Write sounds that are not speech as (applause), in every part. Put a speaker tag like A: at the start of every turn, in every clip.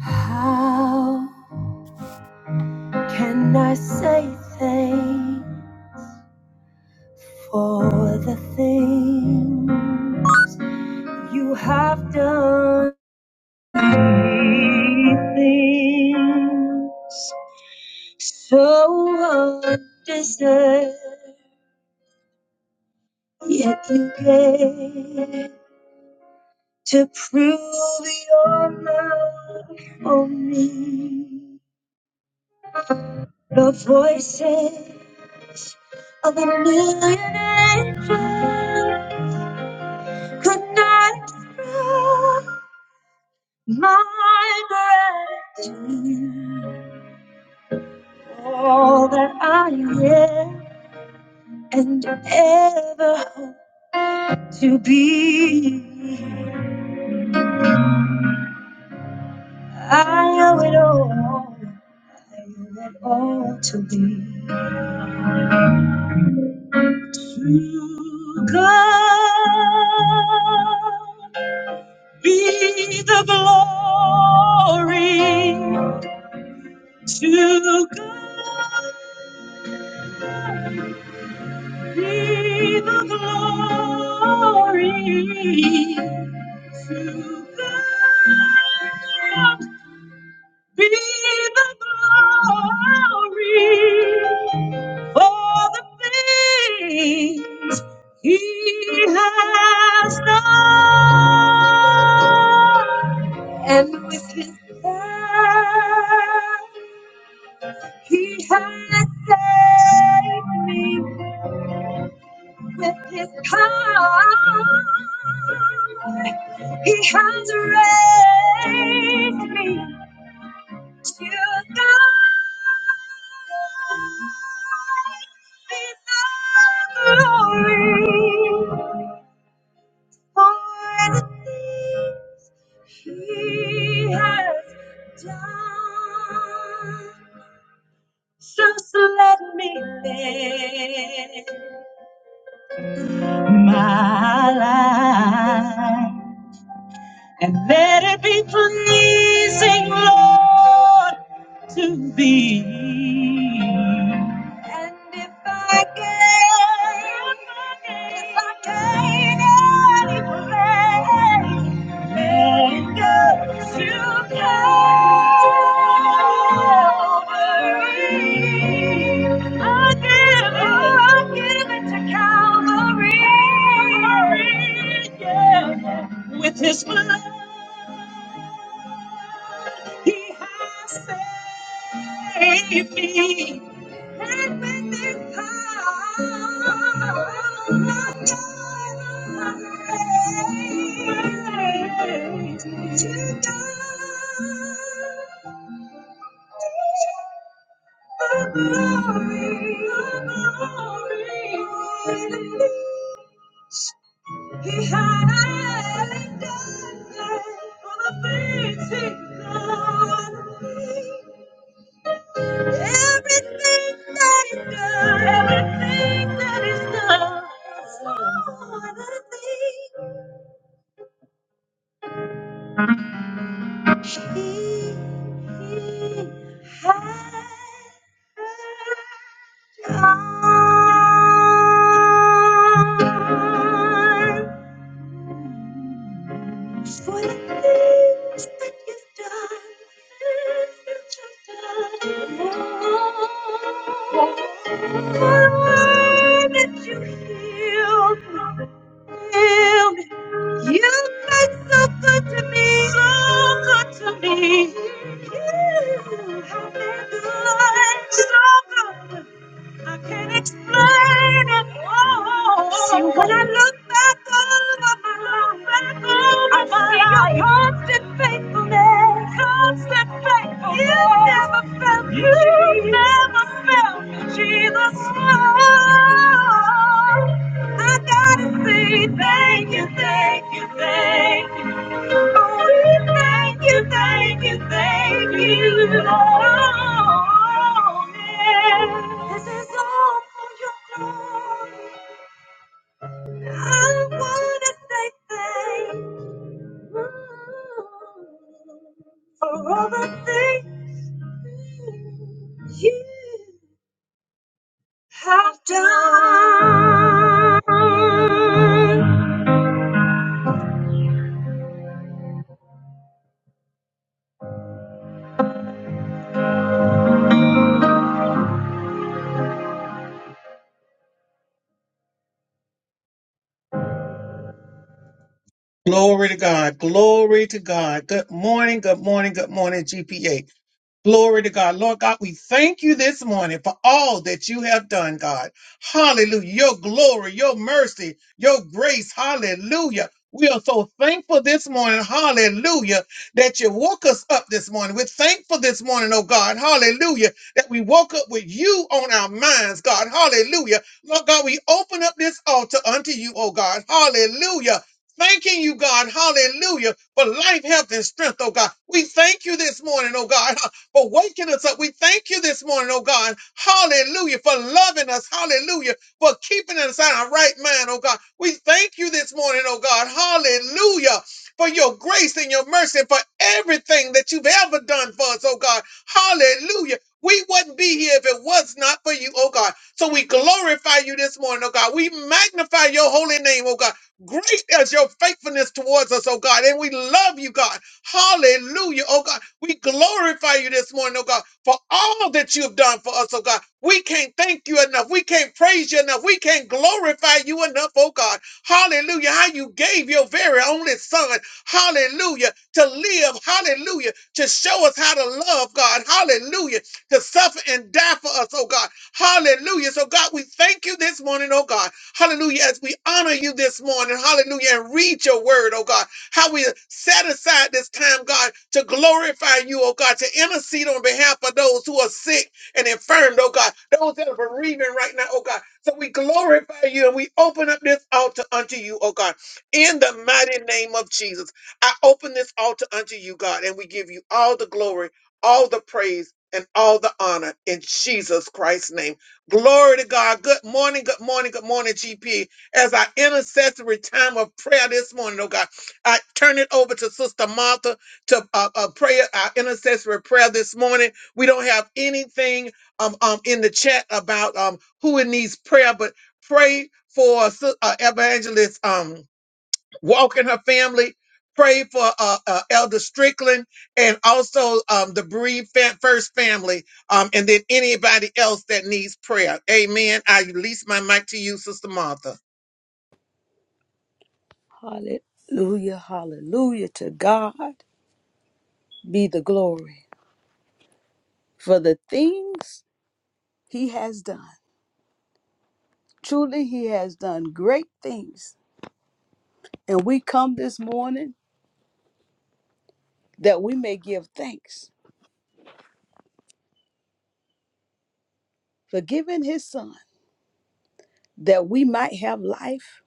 A: How can I say thanks for the thing you have done? Things so undeserved, yet you gave to prove your love for me. The voices of a million angels could not express my gratitude. All that I am and ever hope to be. I owe it all. I owe it all to thee. To God be the glory. To God be the glory. To God be the glory for the things He has done. And with His hand He has saved me with his power. He has raised me to God be the glory for the things he has done. Just let me live my life and let it be pleasing, Lord, to thee. And if I gain, if I gain any praise, let it go to Calvary. I give, I give it to Calvary. Calvary, Yeah with his blood. He has saved me. And when the time arrives to die, the glory, the glory he had done it for the things he loved. Everything that is good, everything that is good, so everything he, he has done. For the things that you've done, that you've done. Oh, for all that you healed me, healed me. You've been so good to me, so good to me. You have been good, so good. I can't explain it. Oh, See, when I look back over my life, I see your constant faithfulness. Constant faithfulness. You never felt me. You Jesus. never felt me, Jesus. Oh, I gotta say thank you, thank you, thank you. Oh, we thank you, thank you, thank you, Lord. This is all for your glory. I wanna say thank you for all the things you have done. Glory to God. Glory to God. Good morning. Good morning. Good morning, GPA. Glory to God. Lord God, we thank you this morning for all that you have done, God. Hallelujah. Your glory, your mercy, your grace. Hallelujah. We are so thankful this morning. Hallelujah. That you woke us up this morning. We're thankful this morning, oh God. Hallelujah. That we woke up with you on our minds, God. Hallelujah. Lord God, we open up this altar unto you, oh God. Hallelujah thanking you, God, hallelujah, for life, health, and strength, oh God. We thank you this morning, oh God, for waking us up. We thank you this morning, oh God. Hallelujah. For loving us. Hallelujah. For keeping us in our right mind, oh God. We thank you this morning, oh God. Hallelujah. For your grace and your mercy for everything that you've ever done for us, oh God. Hallelujah. We wouldn't be here if it was not for you, oh God. So we glorify you this morning, oh God. We magnify your holy name, oh God. Great is your faithfulness towards us, oh God. And we love you, God. Hallelujah, oh God. We glorify you this morning, oh God, for all that you have done for us, oh God. We can't thank you enough. We can't praise you enough. We can't glorify you enough, oh God. Hallelujah. How you gave your very only son, hallelujah, to live, hallelujah, to show us how to love God, hallelujah, to suffer and die for us, oh God. Hallelujah. So, God, we thank you this morning, oh God. Hallelujah. As we honor you this morning, hallelujah, and read your word, oh God how we set aside this time, God, to glorify you, oh God, to intercede on behalf of those who are sick and infirmed, oh God, those that are bereaving right now, oh God. So we glorify you and we open up this altar unto you, oh God, in the mighty name of Jesus. I open this altar unto you, God, and we give you all the glory, all the praise. And all the honor in Jesus Christ's name. Glory to God. Good morning, good morning, good morning, GP as our intercessory time of prayer this morning, oh God. I turn it over to Sister Martha to uh, uh, pray our intercessory prayer this morning. We don't have anything um, um, in the chat about um, who it needs prayer, but pray for Sis- uh, Evangelist um, Walk and her family. Pray for uh, uh, Elder Strickland and also um, the Breed Fa- First family, um, and then anybody else that needs prayer. Amen. I release my mic to you, Sister Martha.
B: Hallelujah, hallelujah. To God be the glory for the things He has done. Truly, He has done great things. And we come this morning that we may give thanks for giving His Son, that we might have life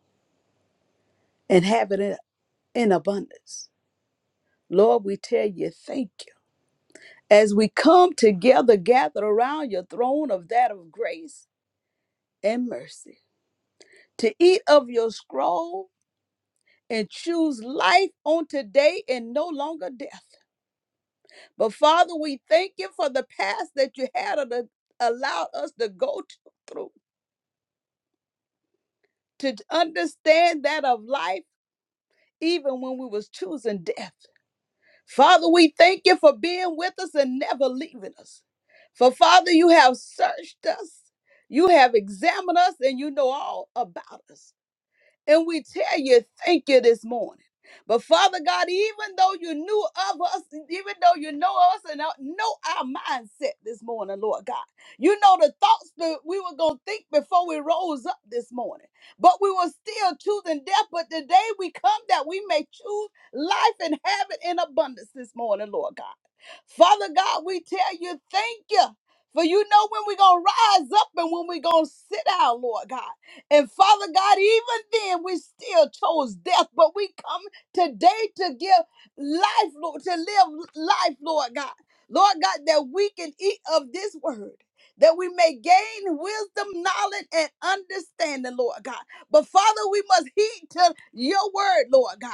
B: and have it in in abundance. Lord, we tell you thank you. As we come together, gathered around your throne of that of grace and mercy, to eat of your scroll and choose life on today and no longer death. But Father, we thank you for the past that you had to allowed us to go t- through to t- understand that of life, even when we was choosing death. Father, we thank you for being with us and never leaving us. For Father, you have searched us, you have examined us, and you know all about us. And we tell you, thank you this morning. But Father God, even though you knew of us, even though you know us and know know our mindset this morning, Lord God, you know the thoughts that we were going to think before we rose up this morning. But we were still choosing death. But today we come that we may choose life and have it in abundance this morning, Lord God. Father God, we tell you, thank you. For you know when we're going to rise up and when we're going to sit down, Lord God. And Father God, even then we still chose death, but we come today to give life, Lord, to live life, Lord God. Lord God, that we can eat of this word. That we may gain wisdom, knowledge, and understanding, Lord God. But Father, we must heed to your word, Lord God.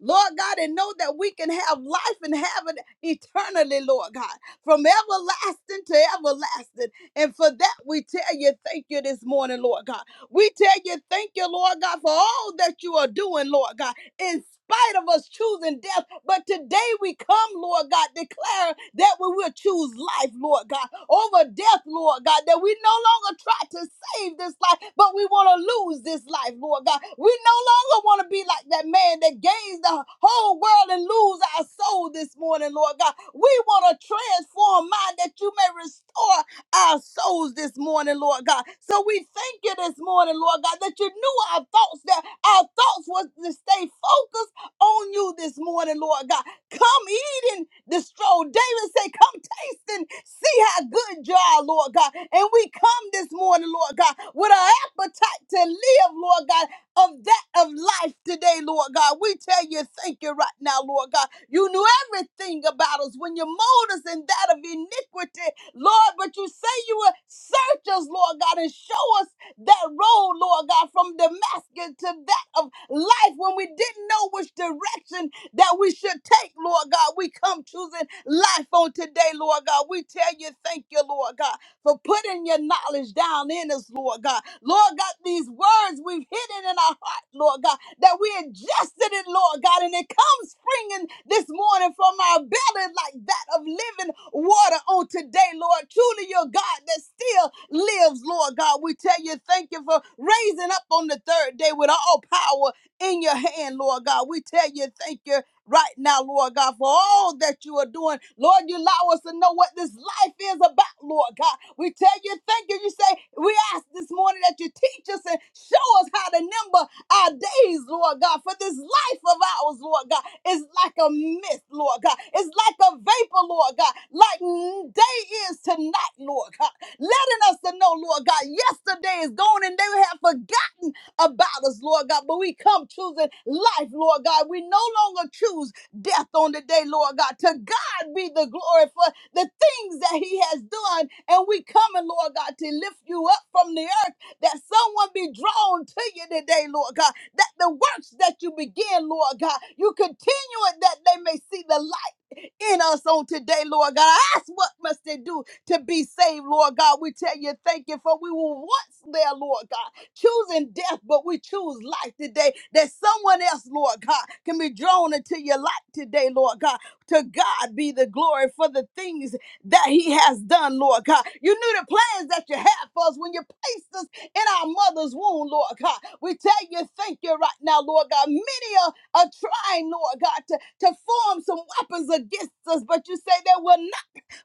B: Lord God, and know that we can have life and have it eternally, Lord God, from everlasting to everlasting. And for that, we tell you, thank you this morning, Lord God. We tell you, thank you, Lord God, for all that you are doing, Lord God, in spite of us choosing death. But today we come, Lord God, declaring that we will choose life, Lord God, over death, Lord God, that we no longer try to save this life, but we want to lose this life, Lord God. We no longer want to be like that man that gains the whole world and lose our soul this morning, Lord God. We want to transform mind that you may restore our souls this morning, Lord God. So we thank you this morning, Lord God, that you knew our thoughts, that our thoughts was to stay focused on you this morning, Lord God. Come eat and destroy. David said, Come taste and see how good you are, Lord God. And we come this morning, Lord God, with our appetite to live, Lord God, of that of life today, Lord God. We tell you, thank you right now, Lord God. You knew everything about us when you mold us in that of iniquity, Lord. But you say you will search us, Lord God, and show us that road, Lord God, from Damascus to that of life when we didn't know which direction that we should take, Lord God. We come choosing life on on today, Lord God. We tell you, thank you, Lord God, for putting your knowledge down in us, Lord God. Lord God, these words we've hidden in our heart, Lord God, that we ingested it, Lord God, and it comes springing this morning from our belly like that of living water on today, Lord. Truly, your God that still lives, Lord God. We tell you, thank you for raising up on the third day with all power in your hand, Lord God. We tell you, thank you right now, Lord God, for all that you are doing. Lord, you allow us to know what this life is about, Lord God. We tell you, thank you. You say, we ask this morning that you teach us and show us how to number our days, Lord God, for this life of ours, Lord God, is like a mist, Lord God. It's like a vapor, Lord God, like n- day is to night, Lord God. Letting us to know, Lord God, yesterday is gone and they have forgotten about us, Lord God. But we come choosing life, Lord God. We no longer choose death on the day, Lord God. To God be the glory for the things that He has done. And we coming, Lord God, to lift you up from the earth that someone be drawn to you today, Lord God. That the works that you begin, Lord God, you continue it that they may see the light in us on today, Lord God. I ask what must they do to be saved, Lord God. We tell you, thank you for we were once there, Lord God choosing death, but we choose life today. That someone else, Lord God, can be drawn into your light today, Lord God. To God be the glory for the things that He has done, Lord God. You knew the plans that you had for us when you placed us in our mother's womb, Lord God. We tell you, thank you right now, Lord God. Many are, are trying, Lord God, to, to form some weapons against us, but you say they will not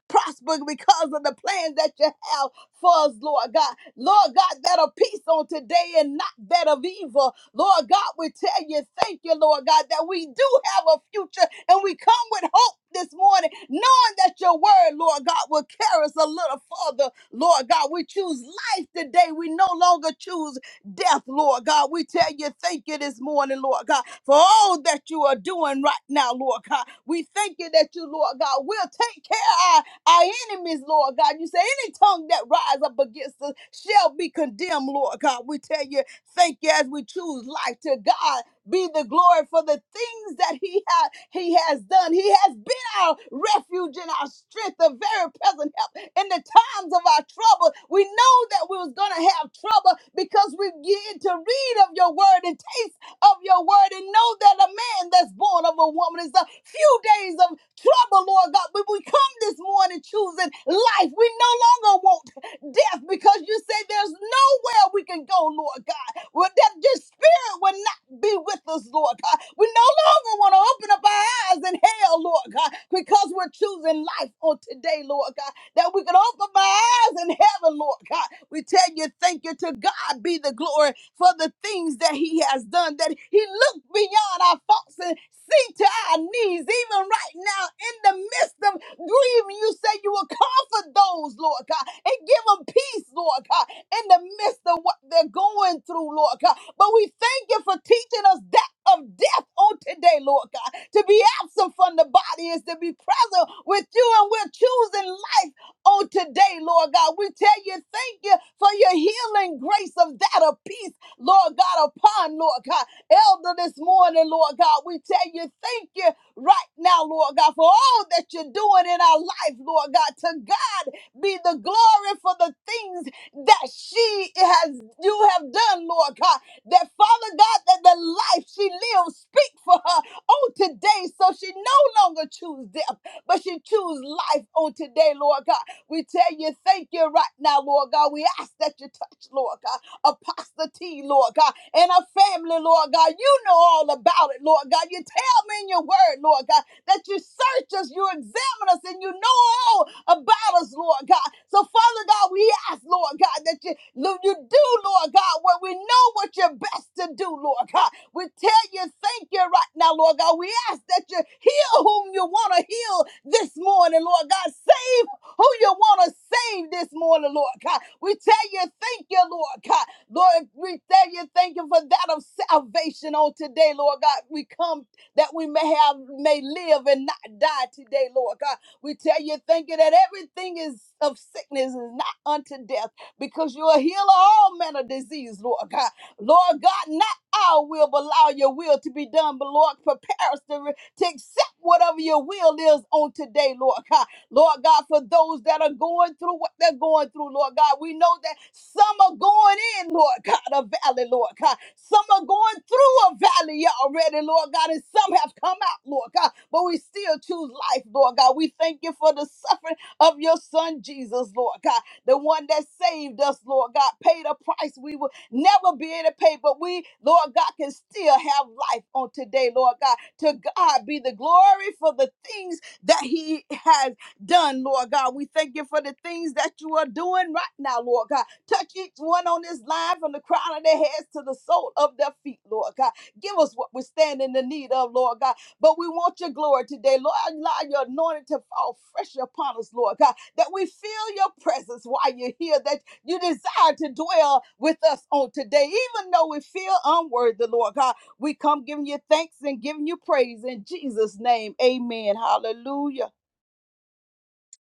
B: prosper because of the plans that you have for us, Lord God. Lord God, that of peace on today and not that of evil. Lord God, we tell you, thank you, Lord God, that we do have a future and we come with hope this morning, knowing that your word, Lord God, will carry us a little further. Lord God, we choose life today. We no longer choose death, Lord God. We tell you, thank you this morning, Lord God, for all that you are doing right now, Lord God. We thank you that you, Lord God, will take care. of our our enemies, Lord God, you say any tongue that rise up against us shall be condemned, Lord God. We tell you, thank you as we choose life to God. Be the glory for the things that He has He has done. He has been our refuge and our strength, a very present help in the times of our trouble. We know that we was gonna have trouble because we begin to read of your word and taste of your word and know that a man that's born of a woman is a few days of trouble, Lord God. But we come come this morning choosing life. We no longer want death because you say there's nowhere we can go, Lord God. Well, that your spirit will not be with us, Lord God. We no longer want to open up our eyes in hell, Lord God, because we're choosing life on today, Lord God. That we can open our as in heaven, Lord God. We tell you, thank you to God be the glory for the things that He has done, that He looked beyond our faults and see to our needs, even right now in the midst of grieving. You say you will comfort those, Lord God, and give them peace, Lord God, in the midst of what they're going through, Lord God. But we thank you for teaching us that of death on today, Lord God. To be absent from the body is to be present with you, and we're choosing life on today, Lord God. We tell you, thank you for your healing grace of that of peace, Lord God, upon Lord God. Elder this morning, Lord God, we tell you, thank you right now, Lord God, for all that you're doing in our life, Lord God. To God be the glory for the things that she has you have done, Lord God. That Father God, that the life she lives speak for her on today. So she no longer choose death, but she choose life on today, Lord God. We tell you, thank you right now, Lord God. We ask that you touch, Lord God. Apostle T, Lord God, and her family, Lord God. You know all about it, Lord God. You me in your word, Lord God, that you search us, you examine us, and you know all about us, Lord God. So, Father God, we ask, Lord God, that you, Lord, you do, Lord God, what we know what you're best to do, Lord God. We tell you, thank you right now, Lord God. We ask that you heal whom you want to heal this morning, Lord God. Save who you want to save this morning, Lord God. We tell you, thank you, Lord God. Lord, we tell you, thank you for that of salvation on today, Lord God. We come that we may have may live and not die today, Lord God. We tell you, thank you that everything is of sickness is not unto death, because you're a healer of all manner of disease, Lord God. Lord God, not our will, but allow your will to be done. But Lord, prepare us to, re- to accept whatever your will is on today, Lord God. Lord God, for those that are going through what they're going through, Lord God. We know that some are going in, Lord God, a valley, Lord God. Some are going through a valley already, Lord God, and some have come out, Lord God. But we still choose life, Lord God. We thank you for the suffering of your son, Jesus, Lord God. The one that saved us, Lord God, paid a price we will never be able to pay, but we, Lord God, can still have life on today, Lord God. To God be the glory for the things that he has done, Lord God. We thank you for the things that you are doing right now, Lord God. Touch each one on this line from the crown of their heads to the sole of their feet, Lord God. Give us what we stand in the need of, Lord God. But we want your glory today, Lord. Allow your anointing to fall fresh upon us, Lord God, that we feel your presence while you're here, that you desire to dwell with us on today, even though we feel unworthy, Lord God. We come giving you thanks and giving you praise in Jesus' name. Amen. Hallelujah.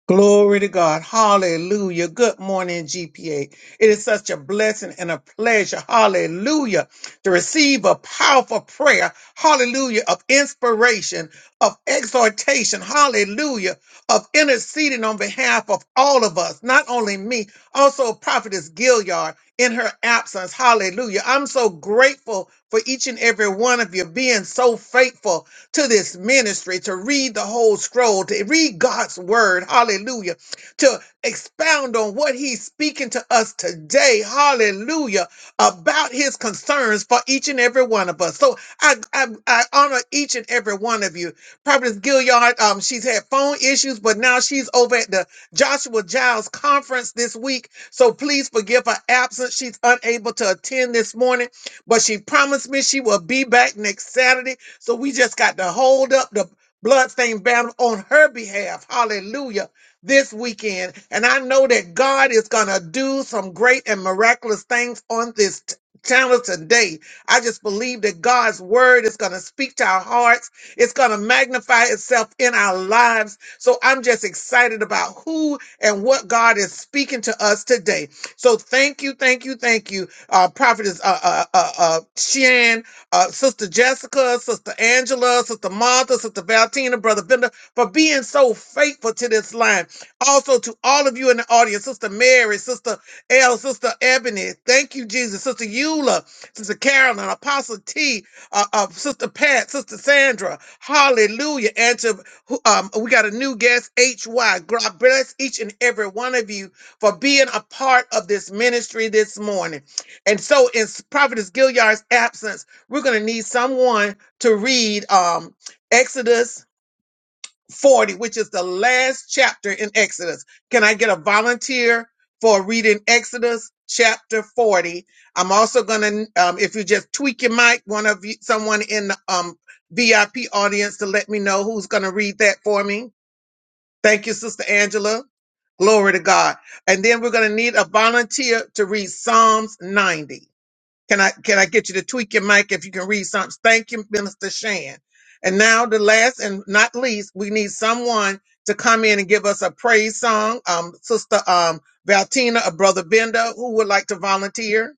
A: Glory to God. Hallelujah. Good morning, GPA. It is such a blessing and a pleasure. Hallelujah. To receive a powerful prayer. Hallelujah. Of inspiration, of exhortation. Hallelujah. Of interceding on behalf of all of us, not only me, also Prophetess Gilliard in her absence. Hallelujah. I'm so grateful for each and every one of you being so faithful to this ministry, to read the whole scroll, to read God's word, hallelujah, to expound on what he's speaking to us today, hallelujah, about his concerns for each and every one of us. So I, I, I honor each and every one of you. Prophetess Gilliard, um, she's had phone issues, but now she's over at the Joshua Giles conference this week. So please forgive her absence. She's unable to attend this morning, but she promised me she will be back next Saturday. So we just got to hold up the bloodstained banner on her behalf. Hallelujah. This weekend. And I know that God is going to do some great and miraculous things on this t- channel today. I just believe that God's word is going to speak to our hearts. It's going to magnify itself in our lives. So I'm just excited about who and what God is speaking to us today. So thank you, thank you, thank you, uh, Prophetess uh, uh, uh, uh, Shan uh, Sister Jessica, Sister Angela, Sister Martha, Sister Valentina, Brother Bender, for being so faithful to this line. Also to all of you in the audience, Sister Mary, Sister L, Sister Ebony, thank you, Jesus, Sister Eula, Sister Carolyn, Apostle T, uh, uh, Sister Pat, Sister Sandra, hallelujah. And to, who- um, we got a new guest, HY. God bless each and every one of you for being a part of this ministry this morning. And so, in Prophetess Gilliard's absence, we're going to need someone to read um, Exodus 40, which is the last chapter in Exodus. Can I get a volunteer for reading Exodus chapter 40? I'm also going to, um, if you just tweak your mic, one of you, someone in the um, VIP audience to let me know who's going to read that for me. Thank you, Sister Angela. Glory to God. And then we're going to need a volunteer to read Psalms 90. Can I can I get you to tweak your mic if you can read something? Thank you, Minister Shan. And now the last and not least, we need someone to come in and give us a praise song. Um, Sister um Valtina or Brother Venda, who would like to volunteer?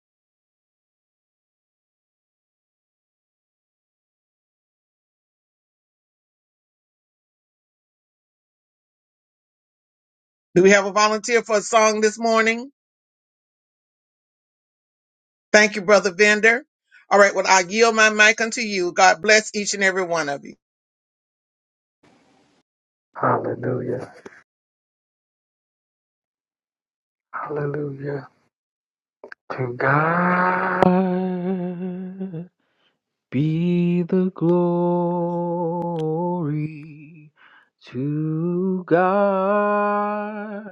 A: Do we have a volunteer for a song this morning? Thank you, Brother Vender. All right, well, I yield my mic unto you. God bless each and every one of you.
C: Hallelujah. Hallelujah. To God be the glory. To God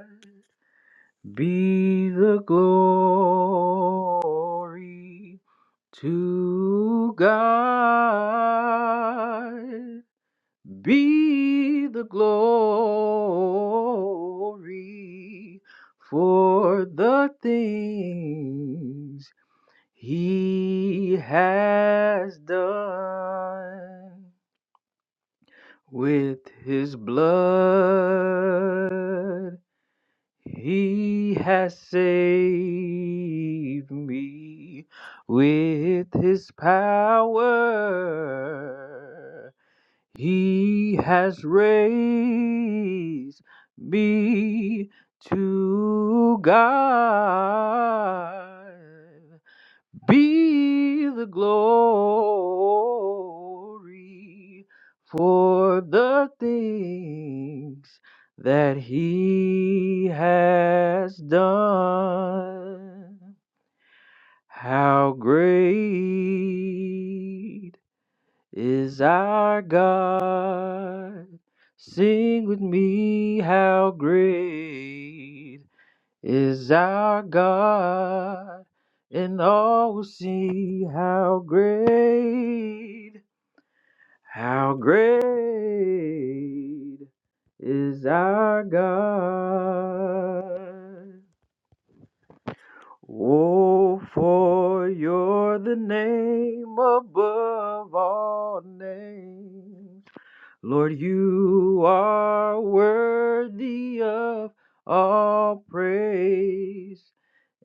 C: be the glory. To God be the glory for the things he has done with his blood. He has saved me with his power. He has raised me to God. Be the glory for the things that He has done. How great! is our God. Sing with me, how great is our God, and all will see how great, how great is our God. Oh, for you're the name above all names. Lord, you are worthy of all praise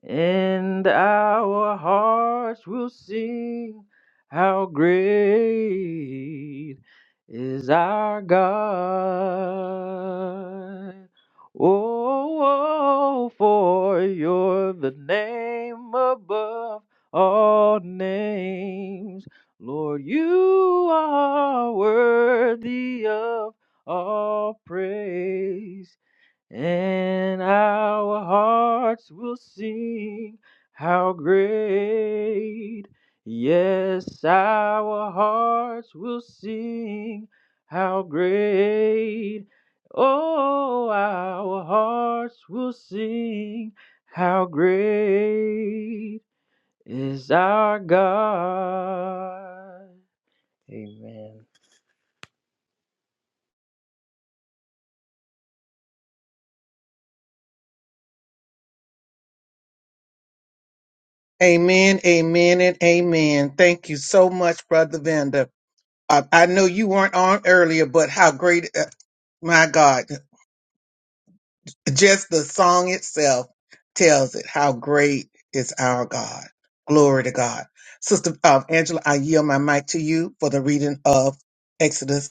C: and our hearts will sing how great is our God. Oh, oh, for you're the name above all names. Lord, you are worthy of all praise and our hearts will sing how great. Yes, our hearts will sing how great. Oh, our hearts will sing how great is our God. Amen.
A: Amen, amen, and amen. Thank you so much, Brother Venda. I, I know you weren't on earlier, but how great! My God, just the song itself tells it how great is our God. Glory to God. Sister uh, Angela, I yield my mic to you for the reading of Exodus.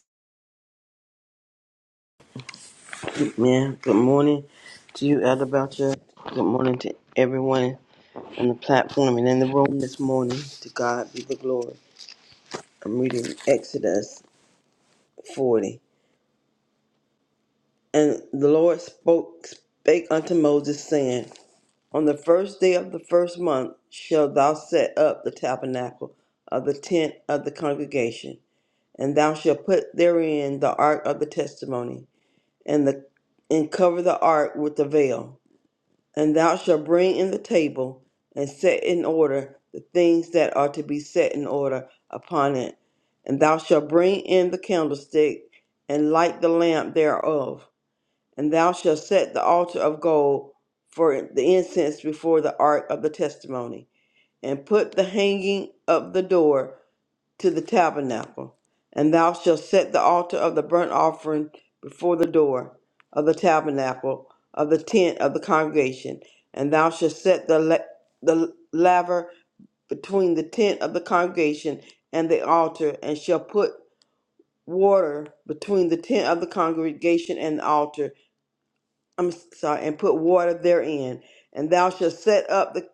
D: Man, good morning to you, Elder Belcher. Good morning to everyone on the platform and in the room this morning. To God be the glory. I'm reading Exodus 40. And the Lord spoke spake unto Moses, saying, On the first day of the first month shalt thou set up the tabernacle of the tent of the congregation, and thou shalt put therein the ark of the testimony, and the and cover the ark with the veil. And thou shalt bring in the table and set in order the things that are to be set in order upon it. And thou shalt bring in the candlestick and light the lamp thereof. And thou shalt set the altar of gold for the incense before the ark of the testimony, and put the hanging of the door to the tabernacle, and thou shalt set the altar of the burnt offering before the door of the tabernacle of the tent of the congregation, and thou shalt set the la- the laver between the tent of the congregation and the altar, and shall put water between the tent of the congregation and the altar. I'm sorry, and put water therein, and thou shalt set up the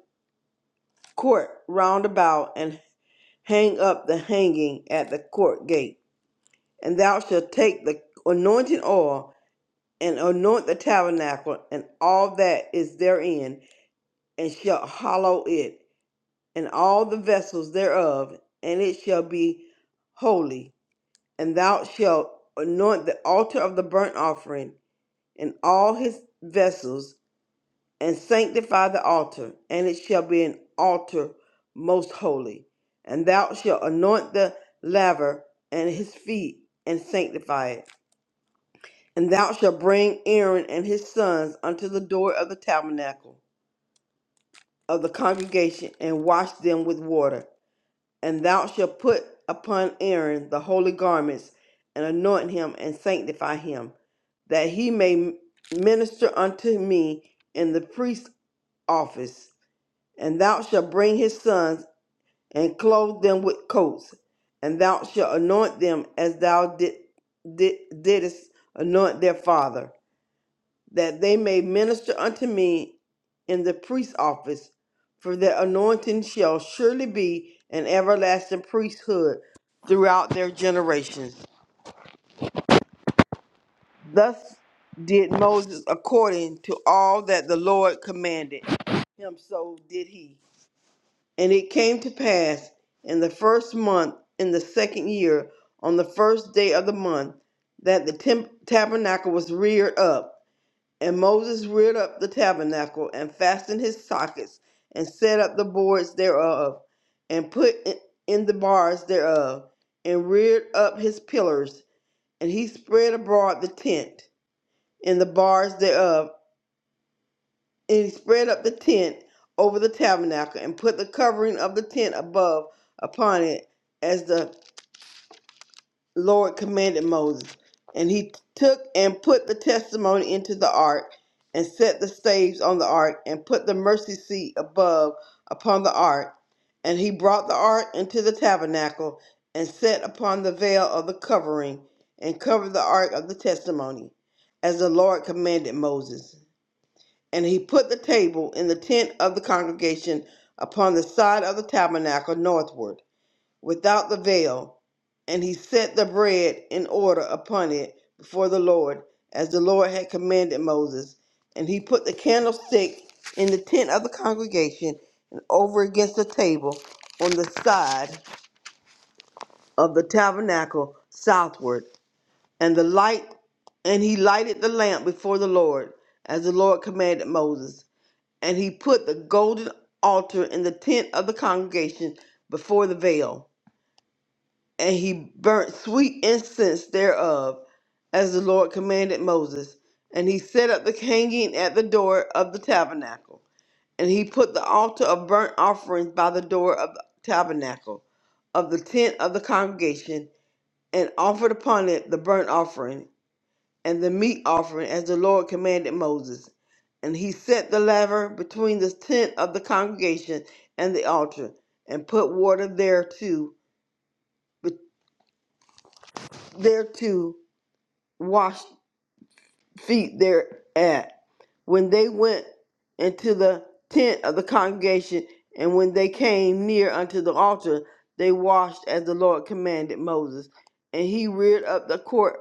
D: court round about, and hang up the hanging at the court gate And thou shalt take the anointing oil and anoint the tabernacle and all that is therein, and shalt hallow it, and all the vessels thereof, and it shall be holy. And thou shalt anoint the altar of the burnt offering and all his vessels, and sanctify the altar, and it shall be an altar most holy. And thou shalt anoint the laver and his feet, and sanctify it And thou shalt bring Aaron and his sons unto the door of the tabernacle of the congregation, and wash them with water. And thou shalt put upon Aaron the holy garments, and anoint him, and sanctify him, that he may minister unto me in the priest's office. And thou shalt bring his sons, and clothe them with coats, and thou shalt anoint them as thou did, did, didst anoint their father that they may minister unto me in the priest's office, for their anointing shall surely be an everlasting priesthood throughout their generations. Thus did Moses according to all that the Lord commanded him, so did he. And it came to pass in the first month, in the second year, on the first day of the month, that the temp- tabernacle was reared up And Moses reared up the tabernacle and fastened his sockets and set up the boards thereof and put in in the bars thereof and reared up his pillars and he spread abroad the tent and the bars thereof and he spread up the tent over the tabernacle and put the covering of the tent above upon it as the Lord commanded Moses, and he took and put the testimony into the ark, and set the staves on the ark, and put the mercy seat above upon the ark. And he brought the ark into the tabernacle, and set upon the veil of the covering, and covered the ark of the testimony, as the Lord commanded Moses. And he put the table in the tent of the congregation upon the side of the tabernacle northward without the veil, and he set the bread in order upon it before the Lord, as the Lord had commanded Moses. And he put the candlestick in the tent of the congregation and over against the table on the side of the tabernacle southward, and the light and he lighted the lamp before the Lord, as the Lord commanded Moses. And he put the golden altar in the tent of the congregation before the veil and he burnt sweet incense thereof, as the Lord commanded Moses. And he set up the hanging at the door of the tabernacle. And he put the altar of burnt offerings by the door of the tabernacle of the tent of the congregation, and offered upon it the burnt offering and the meat offering, as the Lord commanded Moses. And he set the laver between the tent of the congregation and the altar, and put water thereto, thereto washed feet thereat. When they went into the tent of the congregation, and when they came near unto the altar, they washed as the Lord commanded Moses. And he reared up the court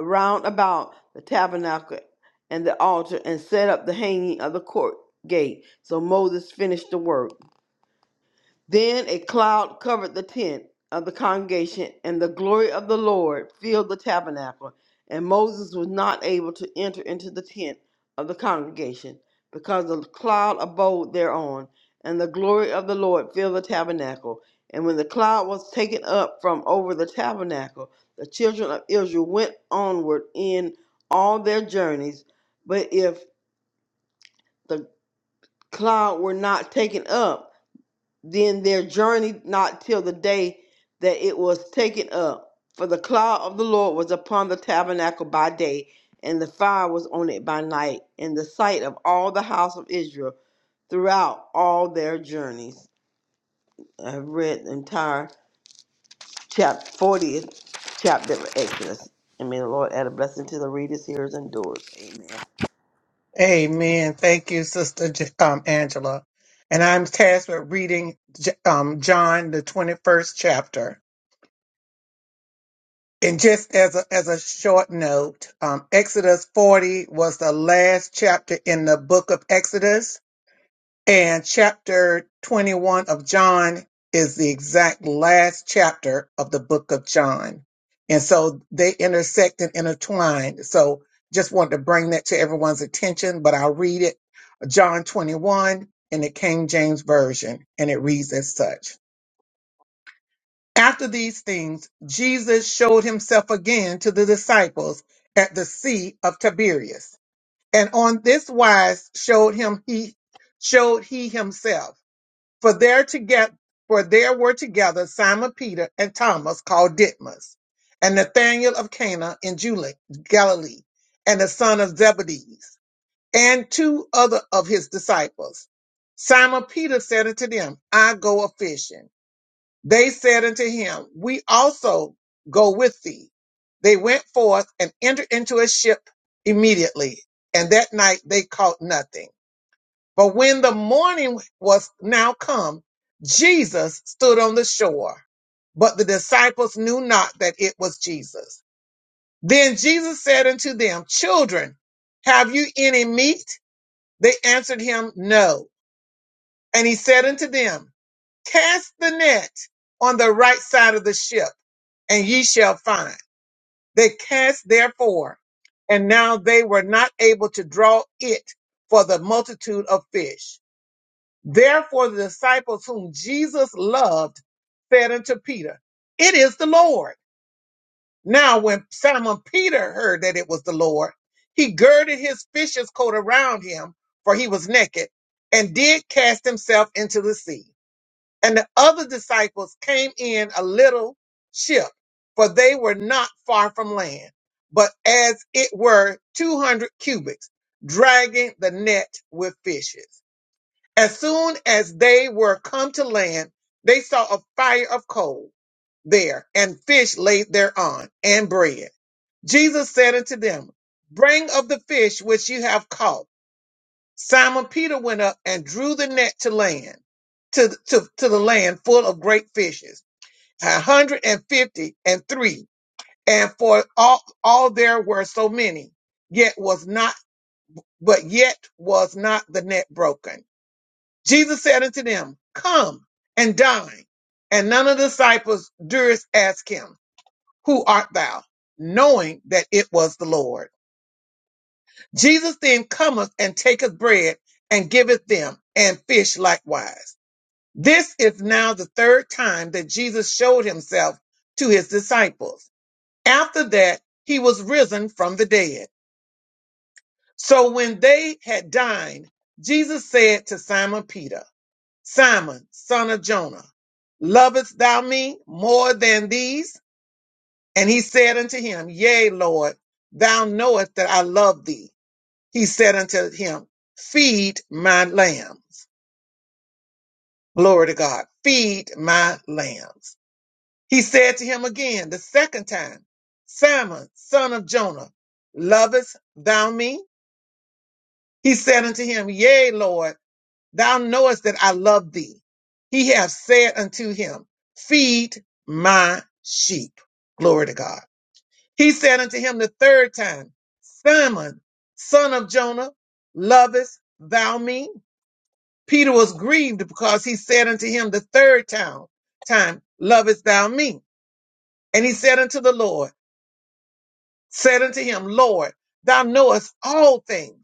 D: round about the tabernacle and the altar, and set up the hanging of the court gate. So Moses finished the work. Then a cloud covered the tent of the congregation, and the glory of the Lord filled the tabernacle. And Moses was not able to enter into the tent of the congregation, because the cloud abode thereon, and the glory of the Lord filled the tabernacle. And when the cloud was taken up from over the tabernacle, the children of Israel went onward in all their journeys. But if the cloud were not taken up, then their journeyed not till the day that it was taken up. For the cloud of the Lord was upon the tabernacle by day, and the fire was on it by night, in the sight of all the house of Israel throughout all their journeys. I've read the entire chapter 40th chapter of Exodus. And may the Lord add a blessing to the readers, hearers, and doers. Amen.
A: Amen. Thank you, Sister J- um, Angela. And I'm tasked with reading J- um, John, the 21st chapter. And just as a, as a short note, um, Exodus 40 was the last chapter in the book of Exodus And chapter 21 of John is the exact last chapter of the book of John. And so they intersect and intertwine. So just wanted to bring that to everyone's attention, but I'll read it. John 21 in the King James Version, and it reads as such. After these things, Jesus showed himself again to the disciples at the Sea of Tiberias. And on this wise showed him he showed he himself for there together, for there were together Simon Peter and Thomas called Didymus, and Nathanael of Cana in Juli- Galilee, and the son of Zebedee, and two other of his disciples. Simon Peter said unto them, I go a fishing. They said unto him, We also go with thee. They went forth and entered into a ship immediately, and that night they caught nothing. But when the morning was now come, Jesus stood on the shore, but the disciples knew not that it was Jesus. Then Jesus said unto them, Children, have you any meat? They answered him, No. And he said unto them, Cast the net on the right side of the ship, and ye shall find. They cast therefore, and now they were not able to draw it for the multitude of fish. Therefore, the disciples whom Jesus loved said unto Peter, It is the Lord. Now, when Simon Peter heard that it was the Lord, he girded his fisher's coat around him, for he was naked, and did cast himself into the sea. And the other disciples came in a little ship, for they were not far from land, but as it were two hundred cubits, dragging the net with fishes. As soon as they were come to land, they saw a fire of coal there, and fish laid thereon, and bread. Jesus said unto them, Bring of the fish which you have caught. Simon Peter went up and drew the net to land, to, to, to the land full of great fishes, a hundred and fifty and three. And for all, all there were so many, yet was not, but yet was not the net broken. Jesus said unto them, Come and dine. And none of the disciples durst ask him, Who art thou? Knowing that it was the Lord. Jesus then cometh and taketh bread and giveth them, and fish likewise. This is now the third time that Jesus showed himself to his disciples. After that, he was risen from the dead. So when they had dined, Jesus said to Simon Peter, Simon, son of Jonah, lovest thou me more than these? And he said unto him, Yea, Lord, thou knowest that I love thee. He said unto him, Feed my lambs. Glory to God. Feed my lambs. He said to him again the second time, Simon, son of Jonah, lovest thou me? He said unto him, Yea, Lord. Thou knowest that I love thee. He hath said unto him, Feed my sheep. Glory to God. He said unto him the third time, Simon, son of Jonah, lovest thou me? Peter was grieved because he said unto him the third time, time Lovest thou me? And he said unto the Lord, said unto him, Lord, thou knowest all things.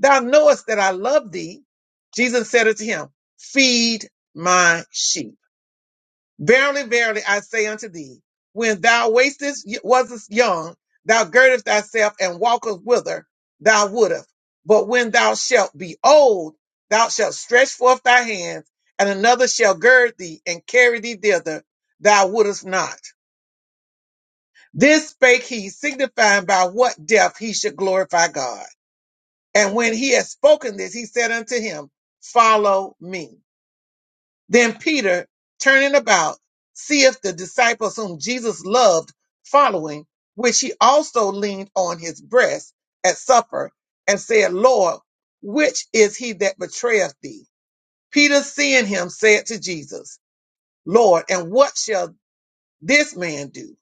A: Thou knowest that I love thee. Jesus said unto him, Feed my sheep. Verily, verily, I say unto thee, when thou wastest wasest young, thou girdest thyself and walkest whither thou wouldest. But when thou shalt be old, thou shalt stretch forth thy hands, and another shall gird thee and carry thee thither thou wouldest not. This spake he, signifying by what death he should glorify God. And when he had spoken this, he said unto him, Follow me. Then Peter, turning about, seeth the disciples whom Jesus loved following, which he also leaned on his breast at supper and said, Lord, which is he that betrayeth thee? Peter, seeing him, said to Jesus, Lord, and what shall this man do?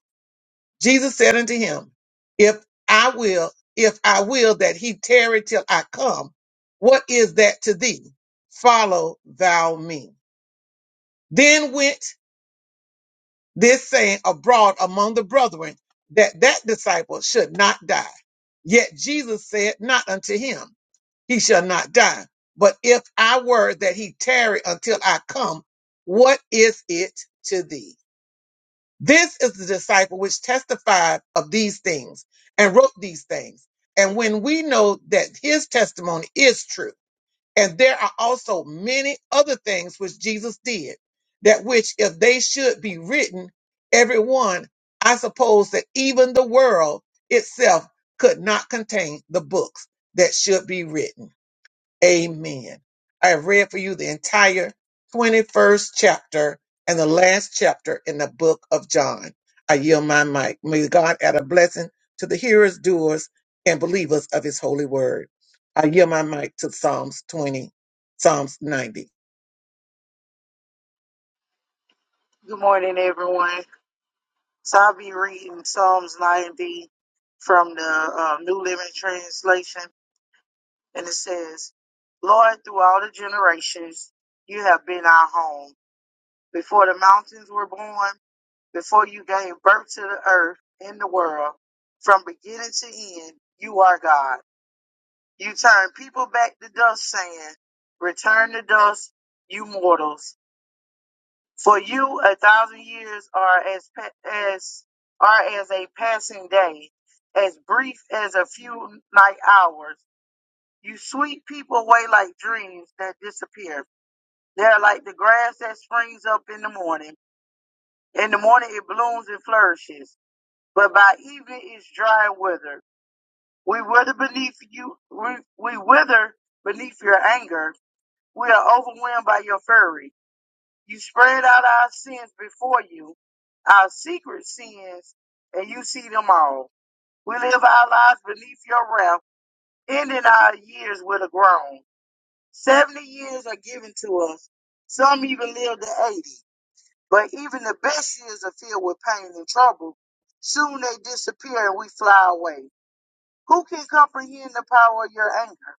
A: Jesus said unto him, If I will, if I will that he tarry till I come, what is that to thee? Follow thou me. Then went this saying abroad among the brethren that that disciple should not die. Yet Jesus said not unto him, he shall not die. But if I were that he tarry until I come, what is it to thee? This is the disciple which testified of these things and wrote these things. And when we know that his testimony is true, and there are also many other things which Jesus did, that which, if they should be written, every one, I suppose that even the world itself could not contain the books that should be written. Amen. I have read for you the entire 21st chapter and the last chapter in the book of John. I yield my mic. May God add a blessing to the hearers, doers, and believers of his holy word. I yield my mic to Psalms 20, Psalms 90.
E: Good morning, everyone. So I'll be reading Psalms 90 from the uh, New Living Translation, and it says, Lord, through all the generations, you have been our home. Before the mountains were born, before you gave birth to the earth and the world, from beginning to end, you are God. You turn people back to dust, saying, 'Return to dust, you mortals. For you, a thousand years are as pa- as are as a passing day, as brief as a few night hours. You sweep people away like dreams that disappear. They are like the grass that springs up in the morning. In the morning it blooms and flourishes, but by evening it's dry and withered. We wither beneath you. We, we wither beneath your anger. We are overwhelmed by your fury. You spread out our sins before you, our secret sins, and you see them all. We live our lives beneath your wrath, ending our years with a groan. Seventy years are given to us. Some even live to eighty. But even the best years are filled with pain and trouble. Soon they disappear and we fly away. Who can comprehend the power of your anger?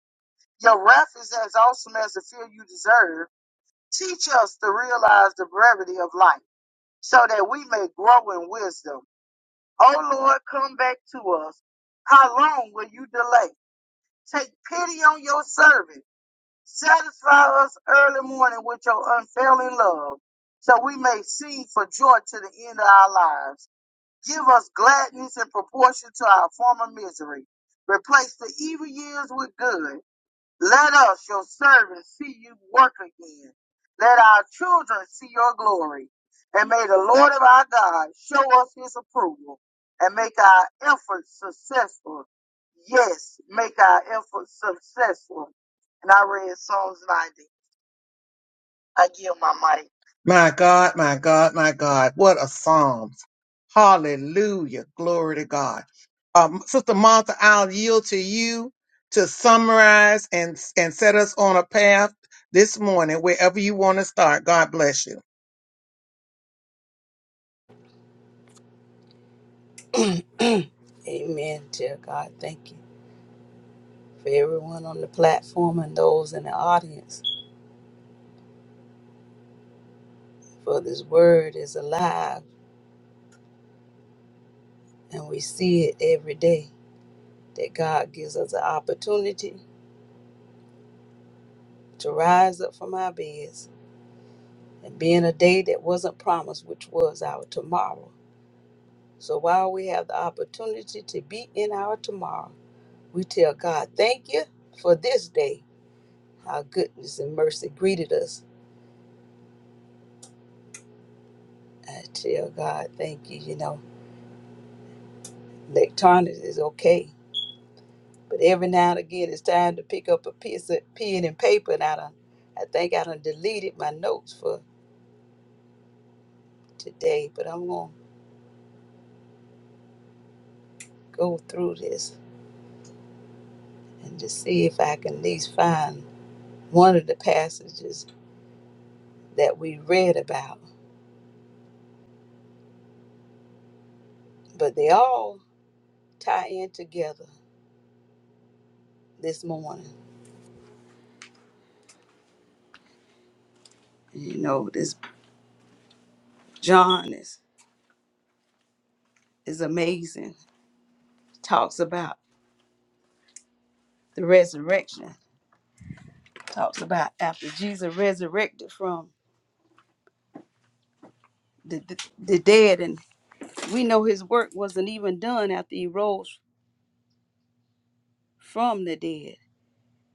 E: Your wrath is as awesome as the fear you deserve. Teach us to realize the brevity of life so that we may grow in wisdom. O Lord, come back to us. How long will you delay? Take pity on your servant. Satisfy us early morning with your unfailing love, so we may sing for joy to the end of our lives. Give us gladness in proportion to our former misery. Replace the evil years with good let us, your servants, see you work again. Let our children see your glory. And may the Lord of our God show us his approval and make our efforts successful. Yes, make our efforts successful. And I read Psalms 90. I give my mic.
A: My God, my God, my God. What a Psalms. Hallelujah. Glory to God. Um, Sister Martha, I'll yield to you to summarize and, and set us on a path this morning, wherever you want to start. God bless you.
B: Amen. Dear God, thank you for everyone on the platform and those in the audience. For this word is alive and we see it every day. That God gives us an opportunity to rise and be in us, which was our tomorrow. So while we have the opportunity to be in tomorrow, we God, thank you for this day. Our goodness and mercy greeted us. I tell God, thank you. You know, that is okay But every now and again, it's time to pick up a piece of pen and paper, and I done, I think I done deleted my notes for today. But I'm gonna go through this and just see if I can at least find one of the passages that we read about. But they all tie in together this morning. And You know, this John is is amazing. Talks about the resurrection. Talks about after Jesus resurrected from the, the, the dead and We know his work wasn't even done after he rose from the dead,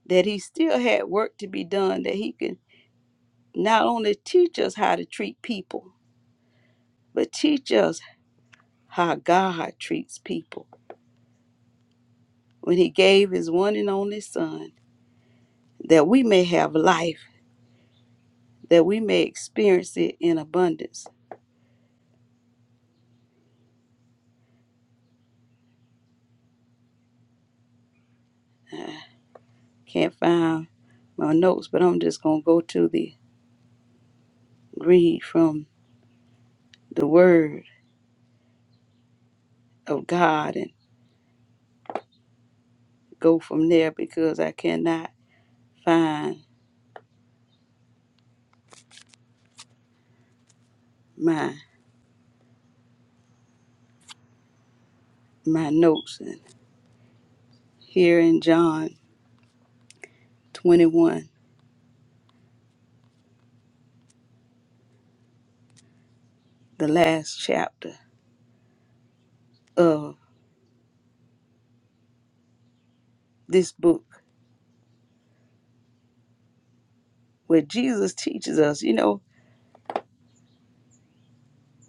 B: that he still had work to be done, that he can not only teach us how to treat people, but teach us how God treats people when he gave his one and only son, that we may have life, that we may experience it in abundance. Can't find my notes, but I'm just going to go to the read from the word of God and go from there because I cannot find. my my notes and here in John 21, the last chapter of this book where Jesus teaches us, you know,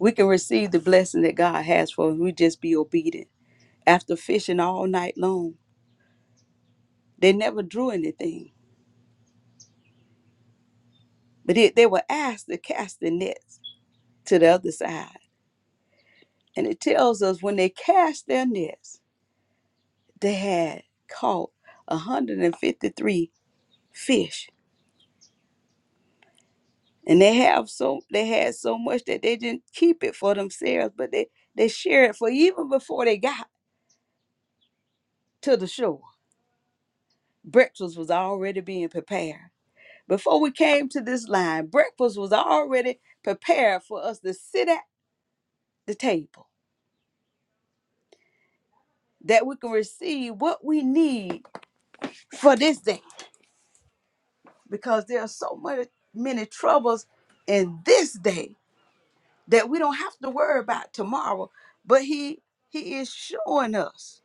B: we can receive the blessing that God has for us. We just be obedient. After fishing all night long, they never drew anything, but it, they were asked to cast their nets to the other side. And it tells us when they cast their nets, they had caught 153 fish and they have so they had so much that they didn't keep it for themselves but they they shared it for even before they got to the shore breakfast was already being prepared before we came to this line breakfast was already prepared for us to sit at the table that we can receive what we need for this day because there are so many many troubles in this day that we don't have to worry about tomorrow but he he is showing us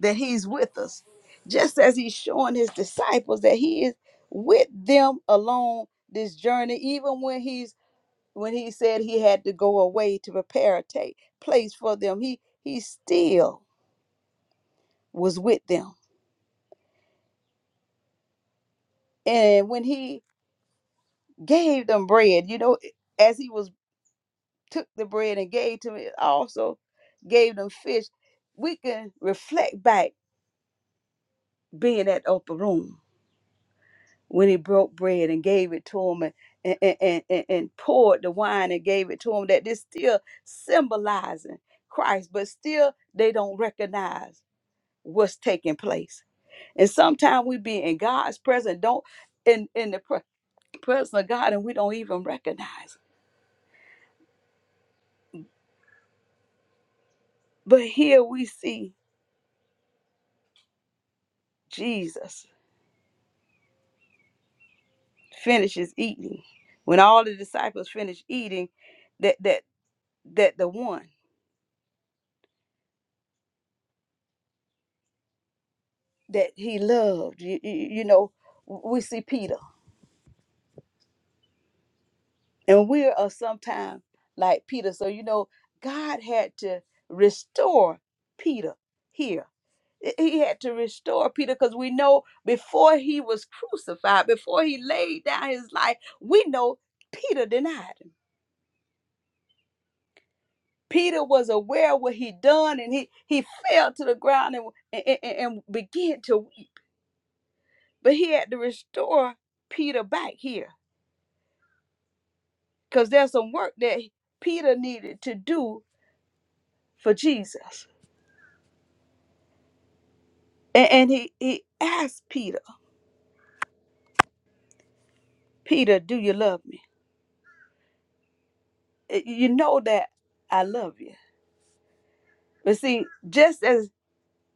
B: that he's with us. Just as he's showing his disciples that he is with them along this journey, even when he's when he said he had to go away to prepare a ta- place for them, he he still was with them. And when he gave them bread, you know, as he was took the bread and gave to it, also gave them fish. We can reflect back being at upper room when he broke bread and gave it to him and, and, and, and, and poured the wine and gave it to him, that this still symbolizing Christ, but still they don't recognize what's taking place. And sometimes we be in God's presence, don't in, in the pre- presence of God, and we don't even recognize it. But here we see Jesus finishes eating. When all the disciples finish eating, that that that the one that he loved, you, you you know, we see Peter And we are sometimes like Peter. So, you know, God had to restore Peter here. He he had to restore Peter because we know before he was crucified, before he laid down his life, we know Peter denied him. Peter was aware of what he'd done and he, he fell to the ground and, and, and and began to weep. But he had to restore Peter back here because there's some work that Peter needed to do for Jesus. And, and he, he asked Peter, Peter, do you love me? Y- You know that I love you. But see, just as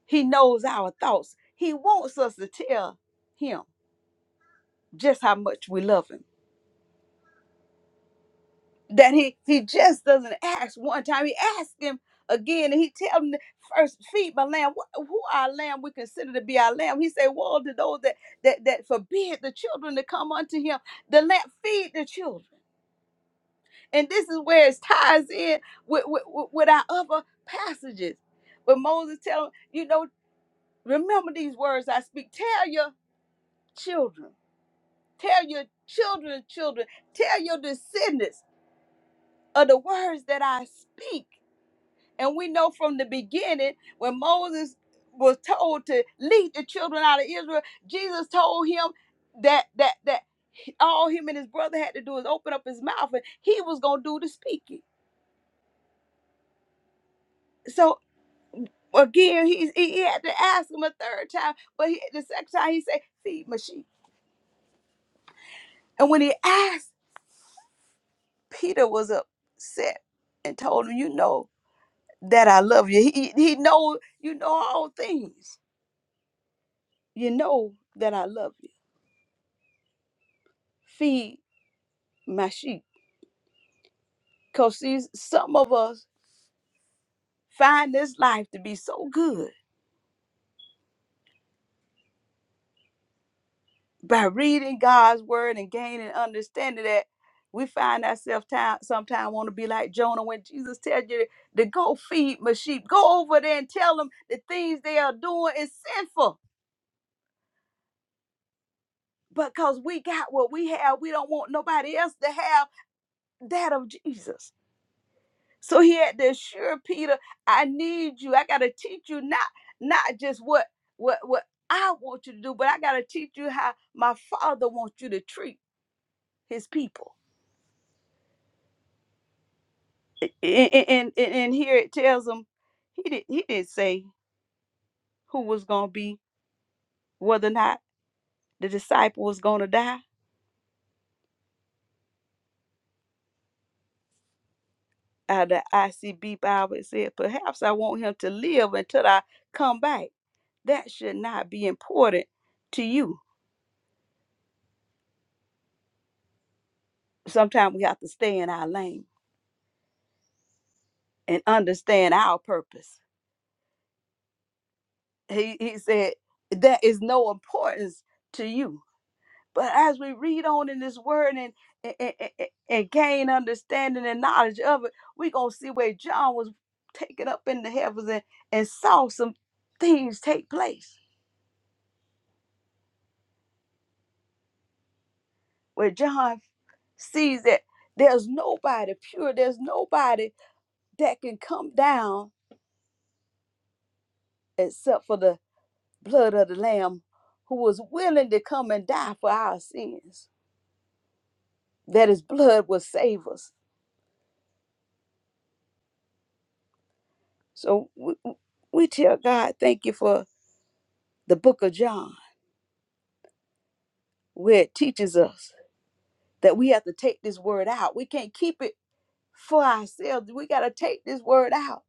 B: he knows our thoughts, he wants us to tell him just how much we love him. That he he just doesn't ask one time. He asked him again, and he tell him first, feed my lamb. Wh- Who our lamb we consider to be our lamb? He said, Woe to those that that that forbid the children to come unto him. The lamb feed the children. And this is where it ties in with, with, with our other passages. But Moses tell him, you know, remember these words I speak. Tell your children, tell your children's children, tell your descendants of the words that I speak. And we know from the beginning when Moses was told to lead the children out of Israel, Jesus told him that that that all him and his brother had to do is open up his mouth and he was gonna do the speaking So. again, he, he he had to ask him a third time, but he, the second time he said, "Feed my sheep." And when he asked, Peter was upset and told him, "You know that I love you. He he know you know all things. You know that I love you. Feed my sheep." Cause see, some of us find this life to be so good by reading God's word and gaining understanding that we find ourselves time sometimes want to be like Jonah when Jesus tells you to go feed my sheep. Go over there and tell them the things they are doing is sinful. Because we got what we have, we don't want nobody else to have that of Jesus. So he had to assure Peter, I need you. I gotta teach you not not just what what what I want you to do, but I gotta teach you how my father wants you to treat his people. A- and and, and here it tells him he did he didn't say who was gonna be whether or not the disciple was gonna die. Uh, the ICB Bible it said, perhaps I want him to live until I come back. That should not be important to you. Sometimes we have to stay in our lane and understand our purpose. He he said that is no importance to you But as we read on in this word and, and, and- and- gain understanding and knowledge of it, we're going to see where John was taken up in the heavens and, and saw some things take place. Where John sees that there's nobody pure, there's nobody that can come down except for the blood of the Lamb who was willing to come and die for our sins, that his blood will save us. So we we tell God, thank you for the book of John where it teaches us that we have to take this word out. We can't keep it for ourselves. We got to take this word out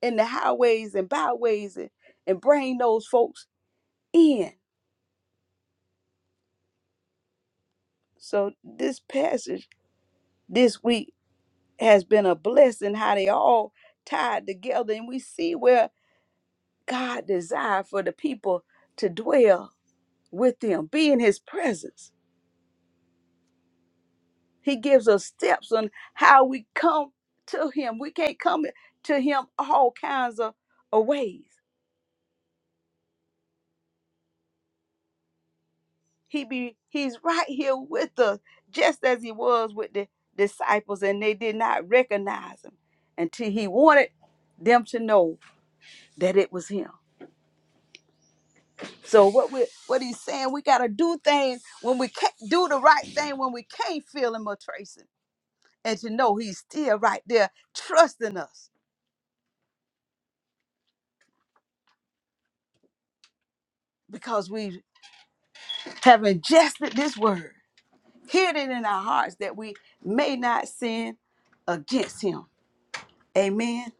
B: in the highways and byways and, and bring those folks in. So, this passage this week has been a blessing how they all tied together and we see where God desired for the people to dwell with them, be in his presence. He gives us steps on how we come to him. We can't come to him all kinds of, of ways. He be he's right here with us, just as he was with the disciples, and they did not recognize him until he wanted them to know that it was him. So what we what he's saying, we gotta do things when we can't do the right thing when we can't feel him or trace him. And to know he's still right there trusting us because we have ingested this word hid it in our hearts that we may not sin against him. Amen.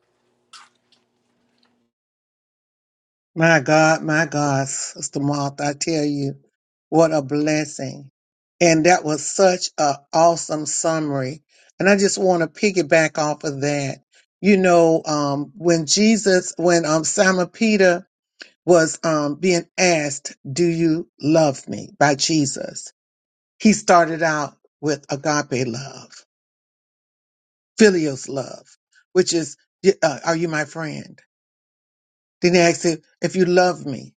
A: My God, my God, Sister Martha, I tell you, what a blessing. And that was such a awesome summary. And I just want to piggyback off of that. You know, um, when Jesus, when um, Simon Peter was um, being asked, Do you love me by Jesus? He started out with agape love, filios love, which is, uh, Are you my friend? Then he asked him, if you love me,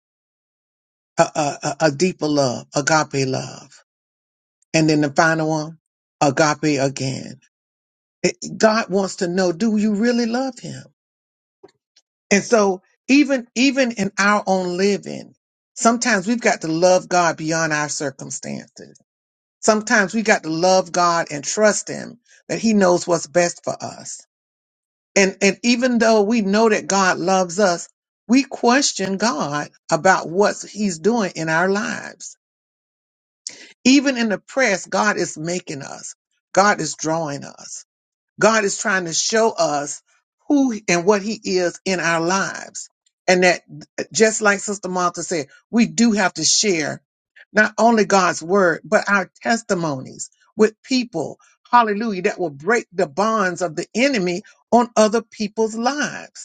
A: a, a, a a deeper love, agape love. And then the final one, agape again. It- God wants to know, do you really love him? And so even, even in our own living, sometimes we've got to love God beyond our circumstances Sometimes we got to love God and trust Him that He knows what's best for us. And, and even though we know that God loves us, we question God about what He's doing in our lives. Even in the press, God is making us, God is drawing us. God is trying to show us who and what he is in our lives. And that just like Sister Martha said, we do have to share not only God's word, but our testimonies with people. Hallelujah. That will break the bonds of the enemy on other people's lives.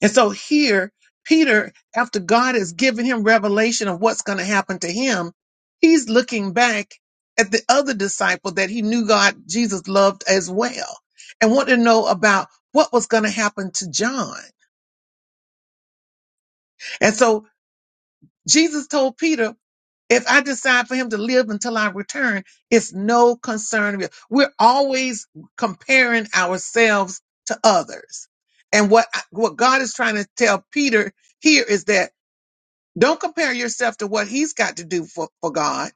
A: And so here, Peter, after God has given him revelation of what's going to happen to him, he's looking back at the other disciple that he knew God, Jesus loved as well, and wanted to know about what was going to happen to John. And so Jesus told Peter, if I decide for him to live until I return, it's no concern of you. We're always comparing ourselves to others. And what, what God is trying to tell Peter here is that Don't compare yourself to what he's got to do for, for God.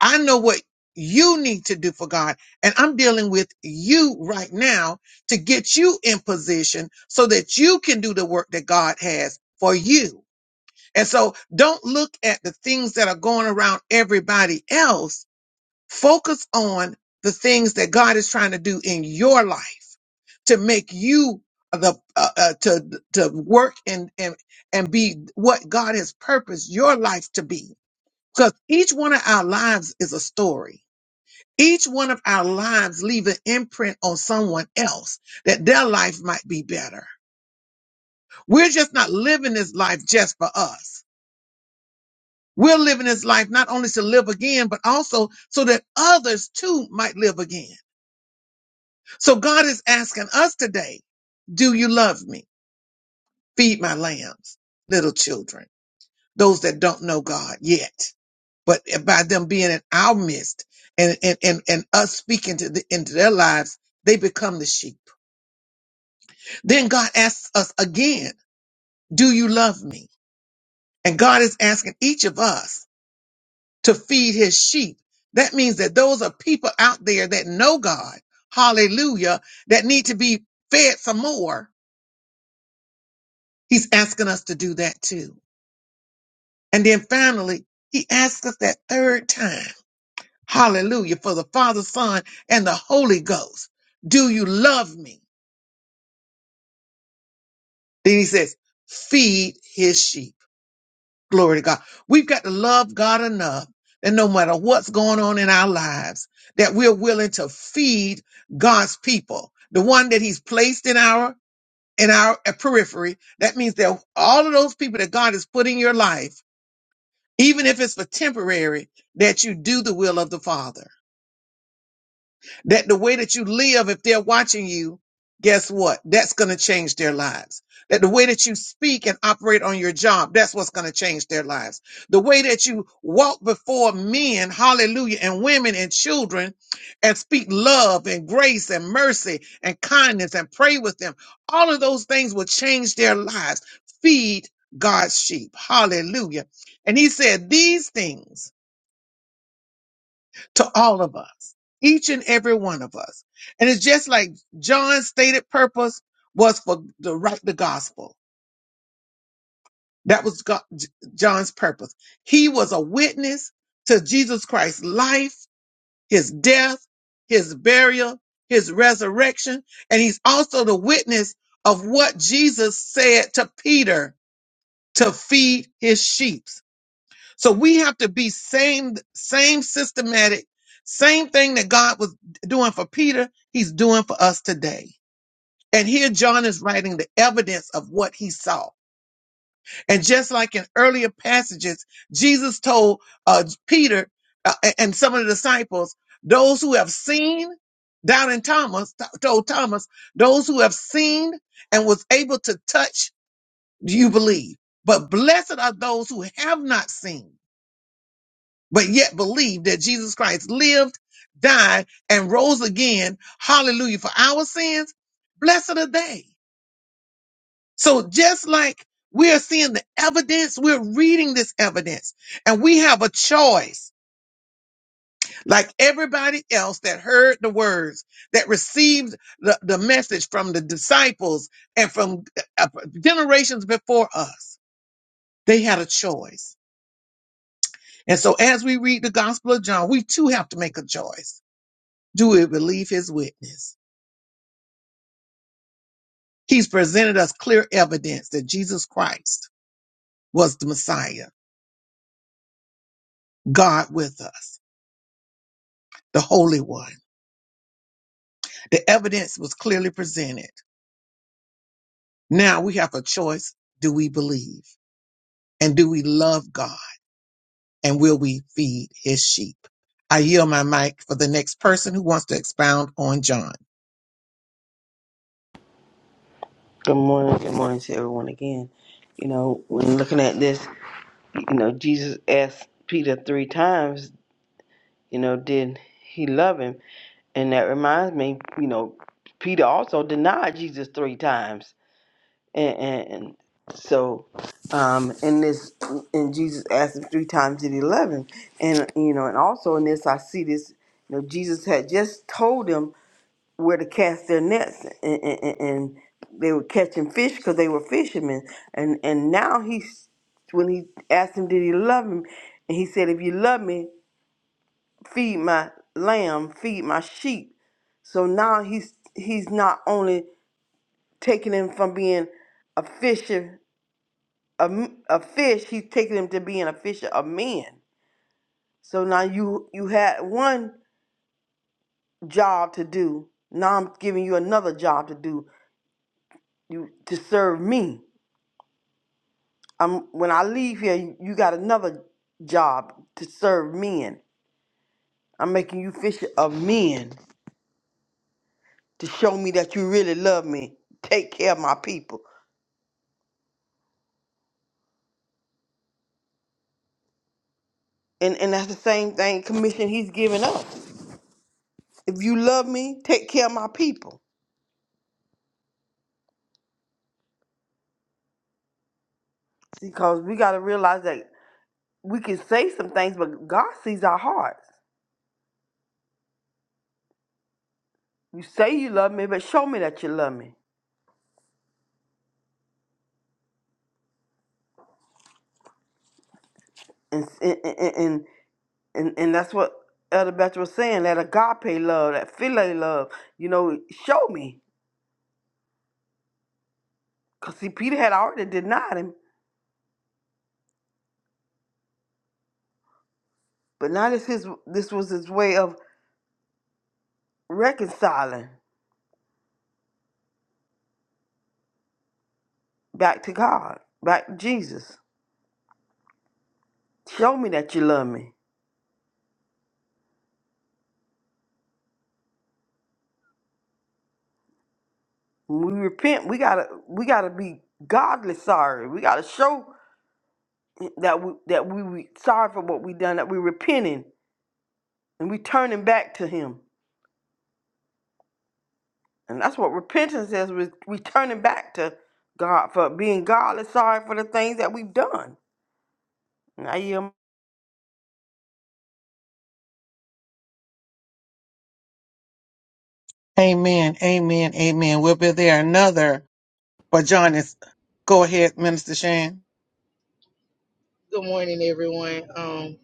A: I know what you need to do for God, and I'm dealing with you right now to get you in position so that you can do the work that God has for you. And so don't look at the things that are going around everybody else Focus on the things that God is trying to do in your life to make you the uh, uh, to to work and and and be what God has purposed your life to be. Because each one of our lives is a story. Each one of our lives leave an imprint on someone else that their life might be better. We're just not living this life just for us. We're living this life not only to live again, but also so that others too might live again. So God is asking us today, do you love me? Feed my lambs, little children, those that don't know God yet. But by them being in our midst and, and, and, and us speaking to the, into their lives, they become the sheep. Then God asks us again, do you love me? And God is asking each of us to feed his sheep. That means that those are people out there that know God. Hallelujah. That need to be fed some more. He's asking us to do that too. And then finally, he asks us that third time, hallelujah, for the Father, Son, and the Holy Ghost. Do you love me? Then he says, feed his sheep. Glory to God. We've got to love God enough that no matter what's going on in our lives, that we're willing to feed God's people, the one that he's placed in our in our periphery. That means that all of those people that God has put in your life, even if it's for temporary, that you do the will of the Father. that the way that you live, if they're watching you, guess what? That's going to change their lives. That the way that you speak and operate on your job, that's what's going to change their lives. The way that you walk before men, hallelujah, and women and children and speak love and grace and mercy and kindness and pray with them, all of those things will change their lives. Feed God's sheep. Hallelujah. And he said, these things to all of us, each and every one of us. And it's just like John's stated purpose was for to write the gospel. That was God, John's purpose. He was a witness to Jesus Christ's life, his death, his burial, his resurrection, and he's also the witness of what Jesus said to Peter to feed his sheep. So we have to be same, same systematic, same thing that God was doing for Peter, he's doing for us today. And here John is writing the evidence of what he saw. And just like in earlier passages, Jesus told uh, Peter uh, and some of the disciples, those who have seen down in Thomas, t- told Thomas, those who have seen and was able to touch, do you believe? But blessed are those who have not seen but yet believe that Jesus Christ lived, died, and rose again, hallelujah, for our sins, blessed are they. So just like we are seeing the evidence, we're reading this evidence, and we have a choice, like everybody else that heard the words, that received the, the message from the disciples and from uh, generations before us. They had a choice. And so as we read the Gospel of John, we too have to make a choice Do we believe his witness? He's presented us clear evidence that Jesus Christ was the Messiah, God with us, the Holy One. The evidence was clearly presented. Now we have a choice. Do we believe? And do we love God? And will we feed his sheep? I yield my mic for the next person who wants to expound on John.
D: Good morning. Good morning to everyone again. You know, when looking at this, you know, Jesus asked Peter three times You know, did he love him? And that reminds me, you know, Peter also denied Jesus three times. And, and so, um, in this, and Jesus asked him three times, did he love him? And, you know, and also in this, I see this, you know, Jesus had just told them where to cast their nets and, and, and they were catching fish because they were fishermen. And, and now he's, when he asked him, did he love him? And he said, if you love me, feed my lamb, feed my sheep. So now he's he's not only taking him from being a fisher a, m- a fish, he's taking him to being a fisher of men. So now you you had one job to do. Now I'm giving you another job to do. You to serve me. I'm when I leave here, you, you got another job to serve men. I'm making you fisher of men to show me that you really love me. Take care of my people. And and that's the same thing commission he's giving us. If you love me, take care of my people. Because we gotta realize that we can say some things, but God sees our hearts. You say you love me, but show me that you love me. And and and and, and, and that's what Elder Beth was saying, that agape love, that philae love, you know, show me. Cause see, Peter had already denied him, but now this his this was his way of reconciling back to God, back to Jesus. Show me that you love me When we repent, we gotta we gotta be godly sorry. We gotta show that we that we we sorry for what we done, that we repenting and we turning back to him. And that's what repentance is, we we turning back to God for being godly sorry for the things that we've done. And I yield
A: Amen. Amen. Amen. Will be there another for John is go ahead, Minister Shan.
E: Good morning, everyone. Um.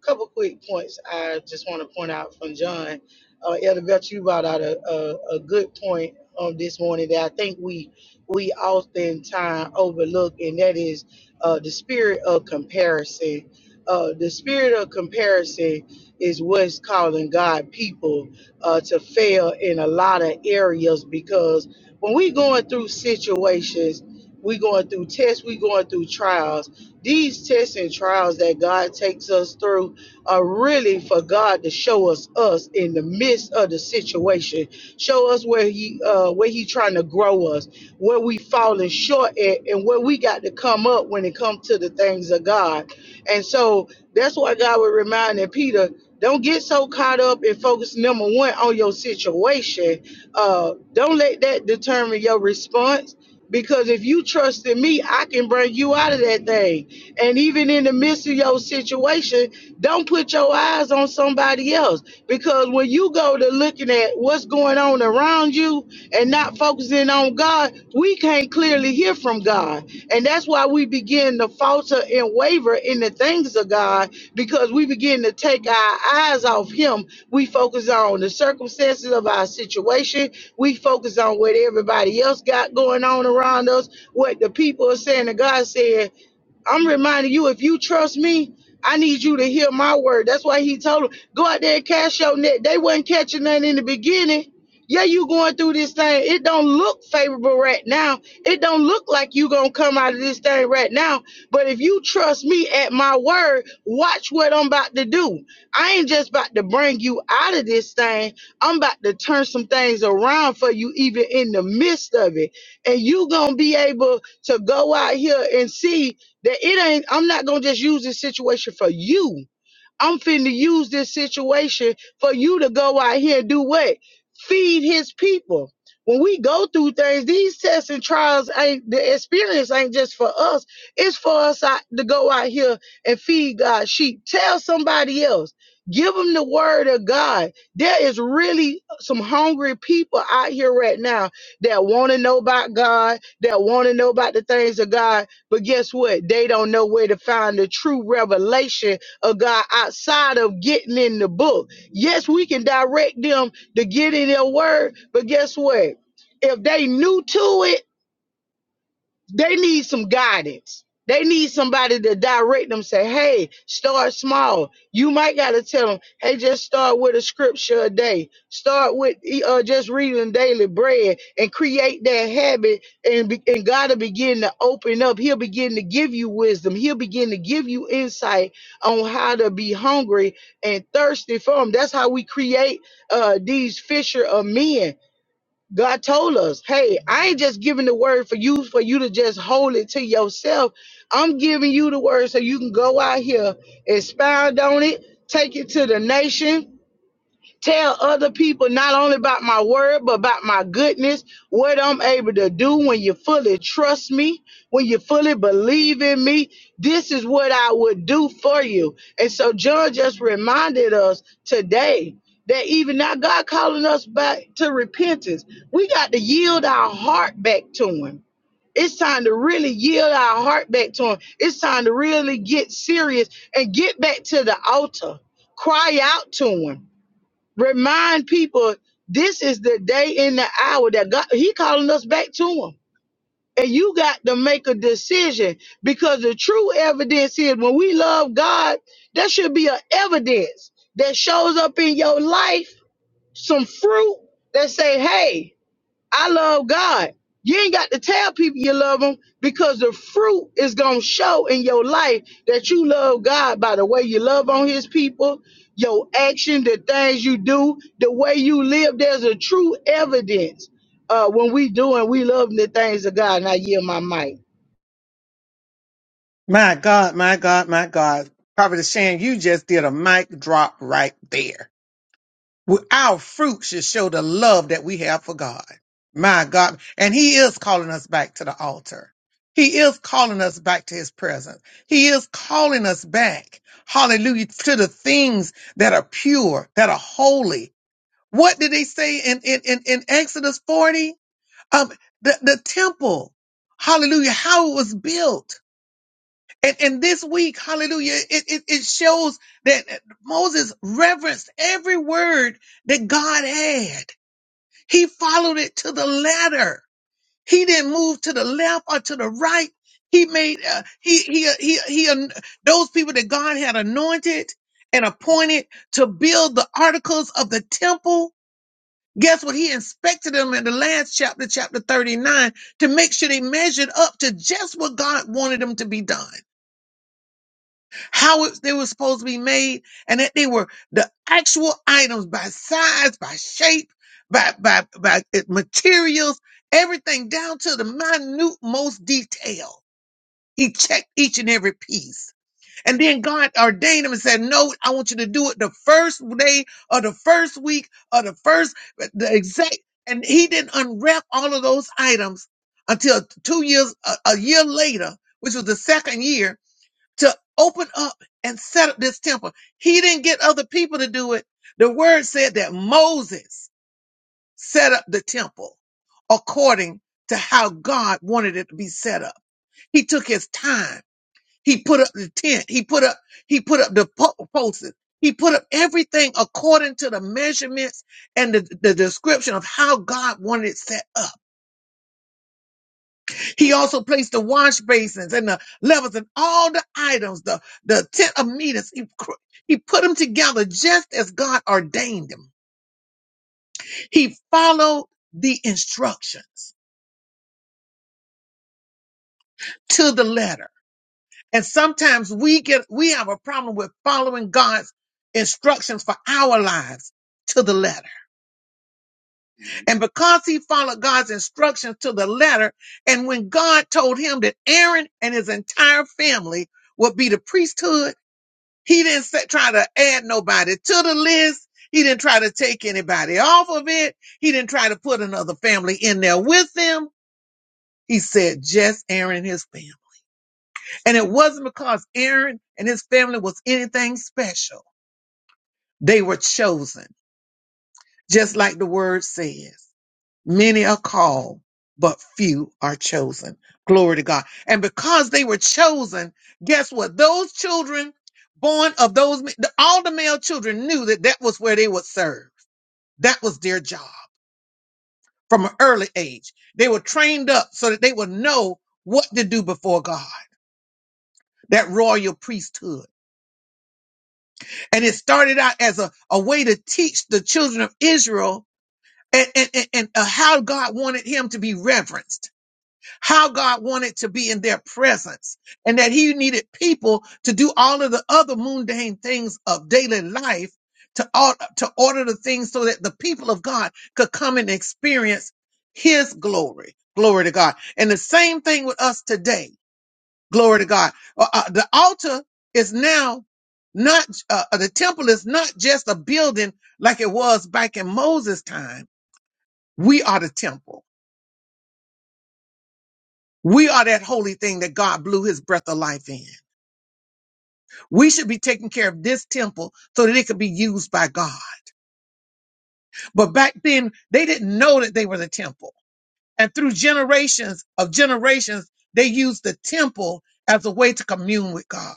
E: couple quick points I just want to point out from John. Uh, Elder Belcher, you brought out a, a, a good point um, this morning that I think we we oftentimes overlook, and that is uh, the spirit of comparison. Uh, the spirit of comparison is what's calling God people uh, to fail in a lot of areas because when we going through situations, we going through tests, we going through trials. These tests and trials that God takes us through are really for God to show us us in the midst of the situation, show us where He uh, where He trying to grow us, where we falling short at, and where we got to come up when it comes to the things of God. And so that's why God was reminding Peter, don't get so caught up and focus number one on your situation. Uh, don't let that determine your response. Because if you trust in me, I can bring you out of that thing. And even in the midst of your situation, don't put your eyes on somebody else because when you go to looking at what's going on around you and not focusing on God, we can't clearly hear from God. And that's why we begin to falter and waver in the things of God because we begin to take our eyes off Him. We focus on the circumstances of our situation, we focus on what everybody else got going on around us, what the people are saying, and God said. I'm reminding you, if you trust me, I need you to hear my word. That's why he told them, go out there and cast your net. They wasn't catching nothing in the beginning. Yeah, you going through this thing. It don't look favorable right now. It don't look like you gonna come out of this thing right now. But if you trust me at my word, watch what I'm about to do. I ain't just about to bring you out of this thing. I'm about to turn some things around for you, even in the midst of it. And you gonna be able to go out here and see that it ain't, I'm not gonna just use this situation for you. I'm finna use this situation for you to go out here and do what? Feed his people. When we go through things, these tests and trials ain't the experience ain't just for us. It's for us out, to go out here and feed God's sheep. Tell somebody else. Give them the word of God. There is really some hungry people out here right now that want to know about God, that want to know about the things of God. But guess what? They don't know where to find the true revelation oh God, outside of getting in the book. Yes, we can direct them to get in their word, but guess what? If they new to it, they need some guidance. They need somebody to direct them, say, hey, start small. You might got to tell them, hey, just start with a scripture a day. Start with e, uh, just reading daily bread and create that habit. And, be, and God will begin to open up. He'll begin to give you wisdom. He'll begin to give you insight on how to be hungry and thirsty for Him. That's how we create uh, these fisher of men God told us, hey, I ain't just giving the word for you for you to just hold it to yourself. I'm giving you the word so you can go out here, expound on it, take it to the nation, tell other people not only about my word but about my goodness what i'm able to do when you fully trust me when you fully believe in me this is what i would do for you and so john just reminded us today that even now god calling us back to repentance we got to yield our heart back to him it's time to really yield our heart back to him it's time to really get serious and get back to the altar cry out to him Remind people this is the day and the hour that God He calling us back to Him. And you got to make a decision because the true evidence is when we love God, there should be an evidence that shows up in your life, some fruit that say, hey, I love God. You ain't got to tell people you love them because the fruit is going to show in your life that you love God by the way you love on his people, your action, the things you do, the way you live. There's a true evidence uh, when we do and we love the things of God. And I yield my mic.
A: My God, my God, my God. Prophet Shan, you just did a mic drop right there. We- Our fruit should show the love that we have for God. My God. And He is calling us back to the altar. He is calling us back to His presence. He is calling us back. Hallelujah. To the things that are pure, that are holy. What did they say in, in, in, in Exodus 40? Um, the, the temple. Hallelujah. How it was built and, and this week, hallelujah, it, it, it shows that Moses reverenced every word that God had. He followed it to the letter. He didn't move to the left or to the right. He made, uh, he, he, he, he, an- those people that God had anointed and appointed to build the articles of the temple. Guess what? He inspected them in the last chapter, chapter 39, to make sure they measured up to just what God wanted them to be done how it, they were supposed to be made, and that they were the actual items by size, by shape, by by by uh, materials, everything down to the minute most detail. He checked each and every piece. And then God ordained him and said, No, I want you to do it the first day or the first week or the first, eh, the exact. And he didn't unwrap all of those items until two years, a, a year later, which was the second year to open up and set up this temple. He didn't get other people to do it. The word said that Moses set up the temple according to how God wanted it to be set up. He took his time. He put up the tent. He put up, he put up the po- posts. He put up everything according to the measurements and the, the description of how God wanted it set up He also placed the wash basins and the levers and all the items, the, the tent of meetings. He, cr- he put them together just as God ordained them. He followed the instructions to the letter. And sometimes we get, we have a problem with following God's instructions for our lives to the letter. And because he followed God's instructions to the letter, and when God told him that Aaron and his entire family would be the priesthood, He didn't sa- try to add nobody to the list. He didn't try to take anybody off of it. He didn't try to put another family in there with them. He said just Aaron and his family. And it wasn't because Aaron and his family was anything special. They were chosen, just like the word says. Many are called, but few are chosen. Glory to God. And because they were chosen, guess what? Those children born of those, the- all the male children knew that that was where they would serve. That was their job from an early age. They were trained up so that they would know what to do before God, that royal priesthood. And it started out as a, a way to teach the children of Israel and, and, and, and, uh, how God wanted him to be reverenced how God wanted to be in their presence and that he needed people to do all of the other mundane things of daily life to, or- to order the things so that the people of God could come and experience his glory. Glory to God. And the same thing with us today. Glory to God. Uh, uh, the altar is now not, uh, uh, the temple is not just a building like it was back in Moses' time. We are the temple. We are that holy thing that God blew his breath of life in. We should be taking care of this temple so that it could be used by God. But back then, they didn't know that they were the temple. And through generations of generations, they used the temple as a way to commune with God.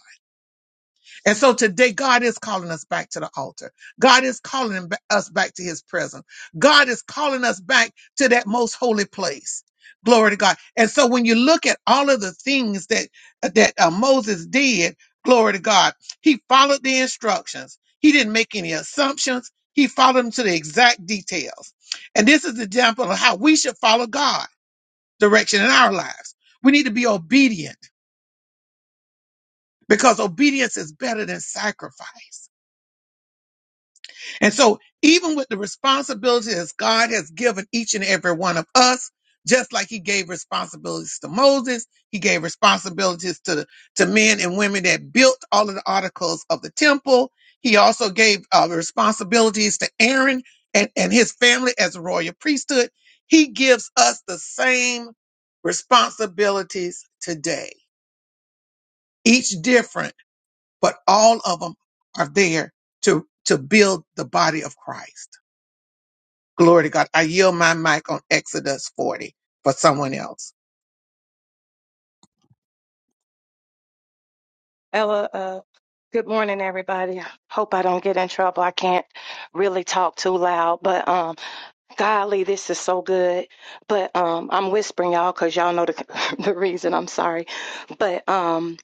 A: And so today, God is calling us back to the altar. God is calling him- us back to his presence. God is calling us back to that most holy place. Glory to God. And so when you look at all of the things that, that uh, Moses did, glory to God, he followed the instructions. He didn't make any assumptions. He followed them to the exact details. And this is the example of how we should follow God direction in our lives. We need to be obedient because obedience is better than sacrifice. And so, even with the responsibilities God has given each and every one of us, just like He gave responsibilities to Moses, He gave responsibilities to to men and women that built all of the articles of the temple. He also gave uh, responsibilities to Aaron and, and his family as a royal priesthood. He gives us the same responsibilities today, each different, but all of them are there to to build the body of Christ. Glory to God. I yield my mic on Exodus 40 for someone else.
F: Ella, uh, good morning, everybody. Hope I don't get in trouble. I can't really talk too loud, but um, golly, this is so good. But um, I'm whispering y'all because y'all know the (laughs) the reason. I'm sorry, but um,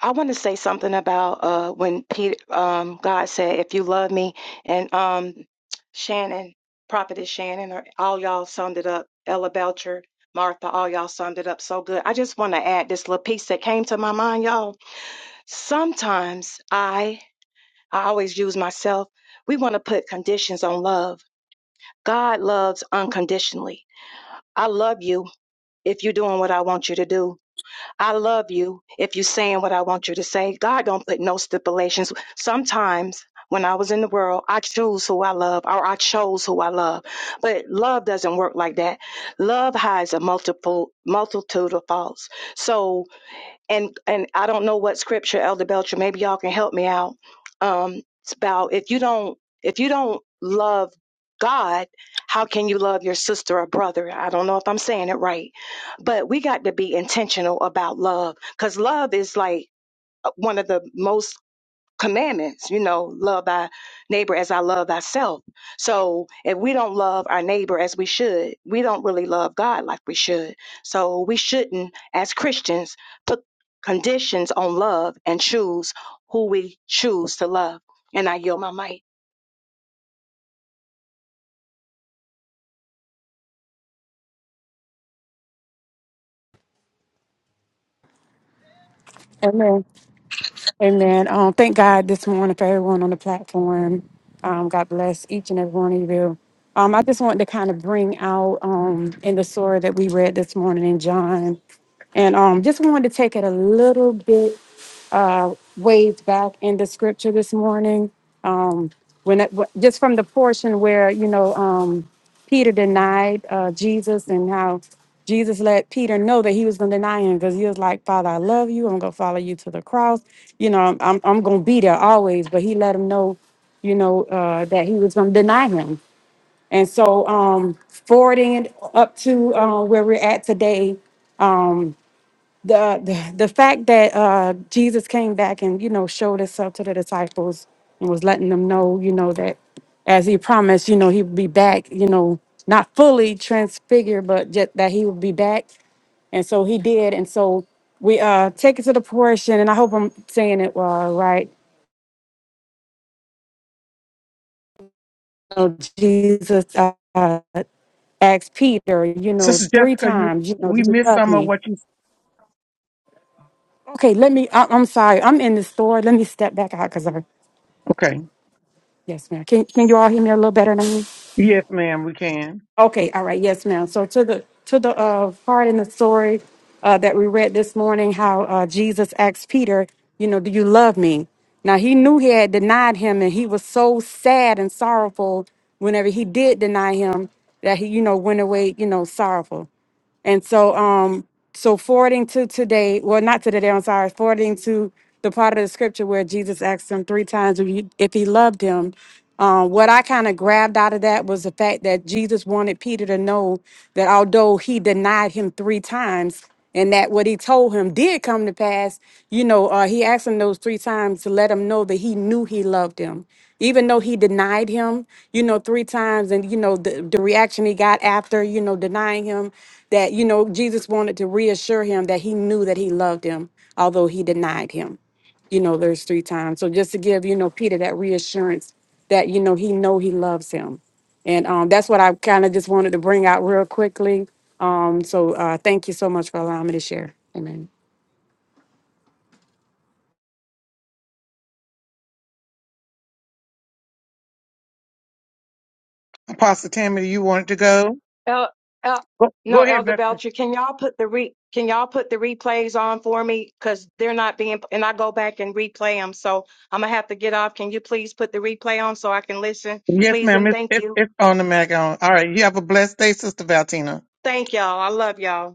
F: I want to say something about uh when Peter um God said, "If you love me," and um, Shannon, Prophetess Shannon, or all y'all summed it up. Ella Belcher, Martha, all y'all summed it up so good. I just want to add this little piece that came to my mind, y'all Sometimes I, I always use myself, we want to put conditions on love. God loves unconditionally. I love you if you're doing what I want you to do. I love you if you're saying what I want you to say. God don't put no stipulations. Sometimes when I was in the world, I choose who I love or I chose who I love. But love doesn't work like that. Love hides a multiple multitude of faults. So and and I don't know what scripture, Elder Belcher. Maybe y'all can help me out. Um, it's about if you don't if you don't love God, how can you love your sister or brother? I don't know if I'm saying it right, but we got to be intentional about love because love is like uh, one of the most commandments you know love thy neighbor as i love thyself so if we don't love our neighbor as we should we don't really love god like we should so we shouldn't as christians put conditions on love and choose who we choose to love and i yield my mic
G: Amen. Amen. Um, thank God this morning for everyone on the platform. Um, God bless each and every one of you. Um, I just wanted to kind of bring out um, in the story that we read this morning in John, and um, just wanted to take it a little bit uh, waved back in the scripture this morning. Um, when it, wh- just from the portion where you know um, Peter denied uh, Jesus and how Jesus let Peter know that he was going to deny him because he was like, "Father, I love you. I'm going to follow you to the cross. You know, I'm I'm, going to be there always." But he let him know, you know, uh, that he was going to deny him. And so, um, forwarding it up to uh, where we're at today, the the, the fact that uh, Jesus came back and you know showed himself to the disciples and was letting them know you know that as he promised you know he would be back you know not fully transfigured but just that he would be back and so he did and so we uh take it to the portion and I hope I'm saying it uh, right you know, Jesus uh, uh, asked Peter you
A: Sister
G: know three
A: Jessica, you
G: times you know
A: we
G: do you
A: missed
G: love
A: some of
G: me
A: what you
G: okay let me I- I'm sorry I'm in the store let me step back out because
A: okay.
G: Yes, ma'am. Can can you all hear me a little better now?
A: Yes, ma'am, we can.
G: Okay, all right, yes, ma'am. So to the to the uh, part in the story uh, that we read this morning, how uh, Jesus asked Peter, you know, do you love me? Now he knew he had denied him, and he was so sad and sorrowful whenever he did deny him that he, you know, went away, you know, sorrowful. And so, um, so forwarding to today, well, not to today, I'm sorry, forwarding to the part of the scripture where Jesus asked him three times if, you, if he loved him. Um, what I kind of grabbed out of that was the fact that Jesus wanted Peter to know that although he denied him three times, and that what he told him did come to pass, you know, uh, he asked him those three times to let him know that he knew he loved him. Even though he denied him, you know, three times, and, you know, the, the reaction he got after, you know, denying him, that, you know, Jesus wanted to reassure him that he knew that he loved him, although he denied him, you know, those three times. So just to give, you know, Peter that reassurance that, you know, he know he loves him. And um, that's what I kind of just wanted to bring out real quickly. Um, so uh, thank you so much for allowing me to share. Amen.
A: Apostle Tammy, you wanted to go?
F: El, El,
A: Go,
F: no,
A: go ahead,
F: Elder
A: Beth.
F: Belcher, can y'all put the re, can y'all put the replays on for me? Because they're not being, and I go back and replay them, so I'm gonna have to get off. Can you please put the replay on so I can listen?
A: Yes,
F: Please
A: ma'am.
F: and
A: It's
F: thank
A: it's,
F: you.
A: it's on the mag on. All right. You have a blessed day, Sister Valtina.
F: Thank y'all. I love y'all.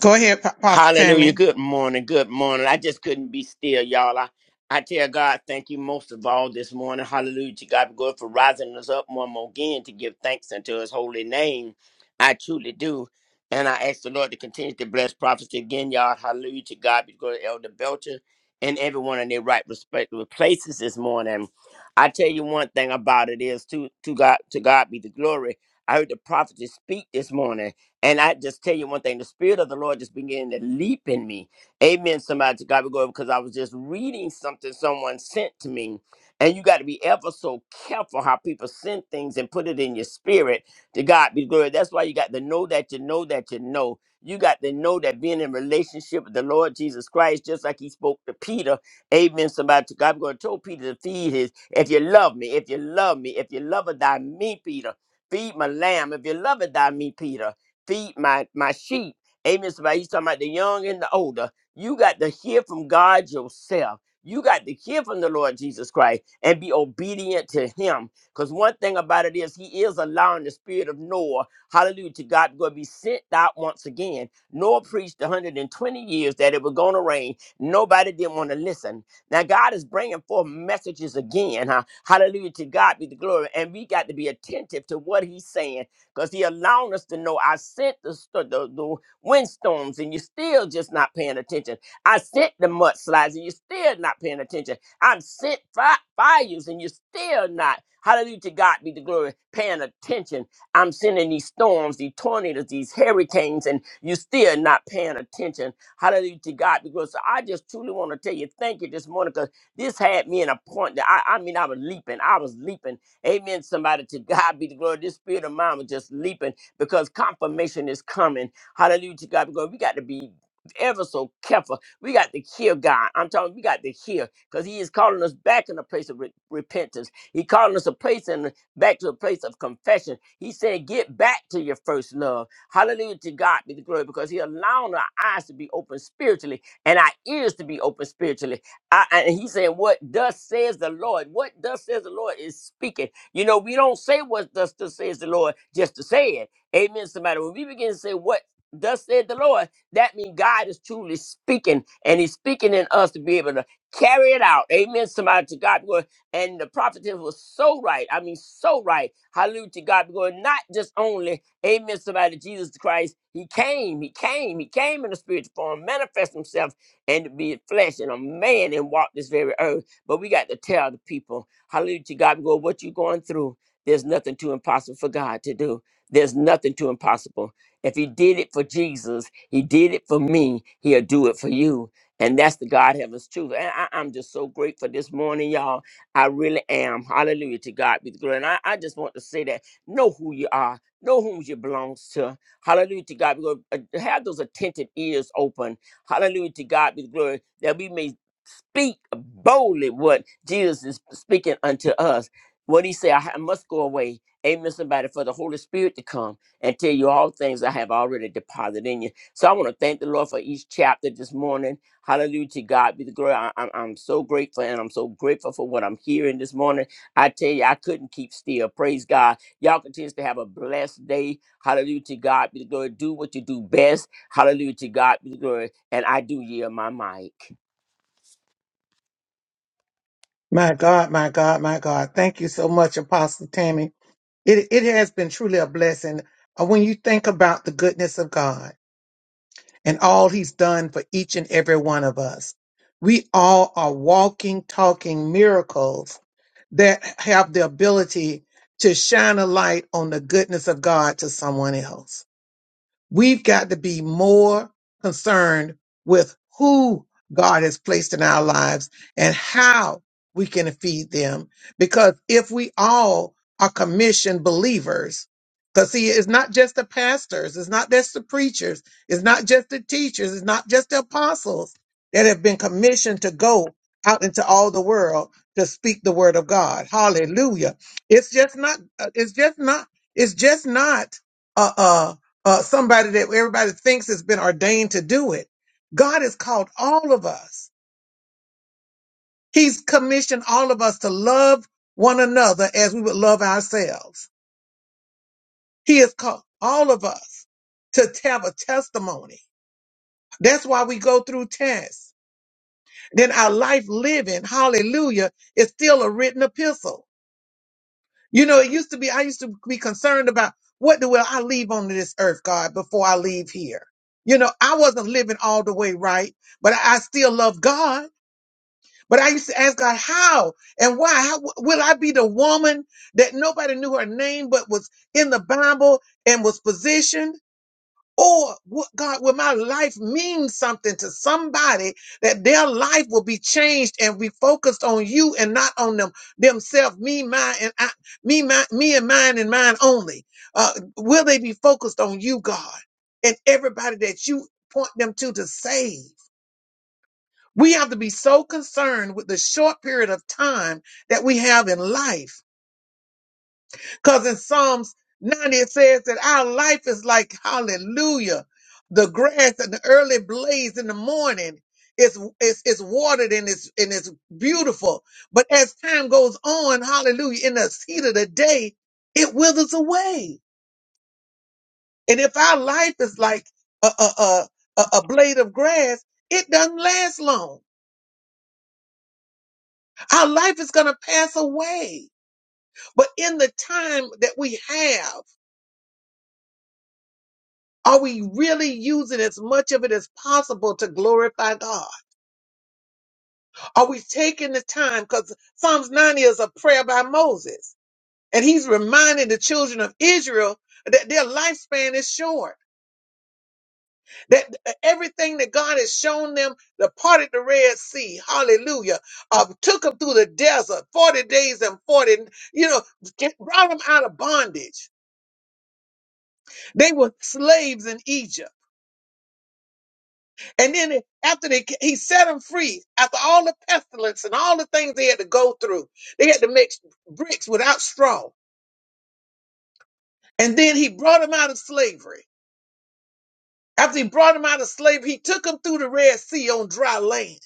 A: Go ahead, Pa- Pastor
H: Hallelujah.
A: Tammy.
H: Good morning. Good morning. I just couldn't be still, y'all. I, I tell God, thank you most of all this morning. Hallelujah. To God be good for rising us up one more again to give thanks unto his holy name. I truly do. And I ask the Lord to continue to bless prophecy again, y'all. Hallelujah. To God be good, Elder Belcher, and everyone in their right respective places this morning. I tell you one thing about it is to to God to God be the glory. I heard the prophet speak this morning. And I just tell you one thing, the spirit of the Lord just began to leap in me. Amen. Somebody to God be glory because I was just reading something someone sent to me. And you got to be ever so careful how people send things and put it in your spirit to God be glory. That's why you got to know that you know that you know. You got to know that being in relationship with the Lord Jesus Christ, just like he spoke to Peter. Amen. Somebody to God be glory. Told Peter to feed his, if you love me, if you love me, if you love thy me, Peter, feed my lamb. If you love it, thy me, Peter feed my my sheep. Amen. Somebody, he's talking about the young and the older. You got to hear from God yourself. You got to hear from the Lord Jesus Christ and be obedient to him. Because one thing about it is he is allowing the spirit of Noah, hallelujah, to God going to be sent out once again. Noah preached 120 years that it was going to rain. Nobody didn't want to listen. Now God is bringing forth messages again. Huh? Hallelujah to God be the glory. And we got to be attentive to what he's saying because he allowed us to know I sent the, st- the, the windstorms and you're still just not paying attention. I sent the mudslides and you're still not paying attention. I've sent fi- fires and you're still not, hallelujah to God be the glory, paying attention. I'm sending these storms, these tornadoes, these hurricanes, and you're still not paying attention. Hallelujah to God be the glory. So I just truly want to tell you thank you this morning because this had me in a point that I, I mean, I was leaping. I was leaping. Amen. Somebody to God be the glory. This spirit of mine was just leaping because confirmation is coming. Hallelujah to God. be glory. we got to be ever so careful. We got to hear God. I'm talking, we got to hear because He is calling us back in a place of re- repentance. He calling us a place and back to a place of confession. He said, Get back to your first love. Hallelujah to God be the glory because He allowing our eyes to be open spiritually and our ears to be open spiritually. I, and He said, What thus says the Lord? What thus says the Lord is speaking. You know, we don't say what thus, thus says the Lord just to say it. Amen, somebody. When we begin to say what thus said the Lord, that means God is truly speaking, and He's speaking in us to be able to carry it out. Amen, somebody. To God, be glory. and the prophetess was so right. I mean, so right. Hallelujah to God. Because not just only, amen, somebody, Jesus Christ, He came, He came, He came in the spiritual form, manifest Himself, and to be flesh and a man and walk this very earth. But we got to tell the people, hallelujah to God, go what you're going through. There's nothing too impossible for God to do. There's nothing too impossible. If he did it for Jesus, he did it for me, he'll do it for you. And that's the God heaven's truth. And I, I'm just so grateful this morning, y'all. I really am. Hallelujah to God be the glory. And I, I just want to say that know who you are, know whom you belong to. Hallelujah to God. be the glory. Because have those attentive ears open. Hallelujah to God be the glory that we may speak boldly what Jesus is speaking unto us. What he said, I ha- must go away. Amen, somebody, for the Holy Spirit to come and tell you all things I have already deposited in you. So I want to thank the Lord for each chapter this morning. Hallelujah to God be the glory. I, am I'm I'm so grateful and I'm so grateful for what I'm hearing this morning. I tell you, I couldn't keep still. Praise God. Y'all continue to have a blessed day. Hallelujah to God be the glory. Do what you do best. Hallelujah to God be the glory. And I do yield my mic.
A: My God, my God, my God. Thank you so much, Apostle Tammy. It it has been truly a blessing uh, when you think about the goodness of God and all He's done for each and every one of us. We all are walking, talking miracles that have the ability to shine a light on the goodness of God to someone else. We've got to be more concerned with who God has placed in our lives and how we can feed them. Because if we all are commissioned believers, because see, it's not just the pastors, it's not just the preachers, it's not just the teachers, it's not just the apostles that have been commissioned to go out into all the world to speak the word of God. Hallelujah. It's just not, uh, it's just not, it's just not Uh. uh, uh, somebody that everybody thinks has been ordained to do it. God has called all of us. He's commissioned all of us to love one another as we would love ourselves. He has called all of us to have a testimony. That's why we go through tests. Then our life living, hallelujah, is still a written epistle. You know, it used to be, I used to be concerned about what the will I leave on this earth, God, before I leave here. You know, I wasn't living all the way right, but I I still love God. But I used to ask God, how and why? How will I be the woman that nobody knew her name, but was in the Bible and was positioned? Or what God, will my life mean something to somebody that their life will be changed and be focused on you and not on them themselves, me, mine, and I, me, my, me and mine and mine only. Uh, will they be focused on you, God, and everybody that you point them to to save? We have to be so concerned with the short period of time that we have in life because in Psalms 90, it says that our life is like, hallelujah, the grass and the early blaze in the morning. It's, it's, it's watered and it's, and it's beautiful. But as time goes on, hallelujah, in the heat of the day, it withers away. And if our life is like a, a, a, a a blade of grass, it doesn't last long. Our life is going to pass away. But in the time that we have, Are we really using as much of it as possible to glorify God? Are we taking the time? Because Psalms 90 is a prayer by Moses, and he's reminding the children of Israel that their lifespan is short, that everything that God has shown them, the part of the Red Sea, hallelujah, uh, took them through the desert 40 days and 40, you know, brought them out of bondage. They were slaves in Egypt. And then it- after they, ca- he set them free, after all the pestilence and all the things they had to go through, they had to make bricks without straw. And then he brought them out of slavery. After he brought them out of slavery, he took them through the Red Sea on dry land.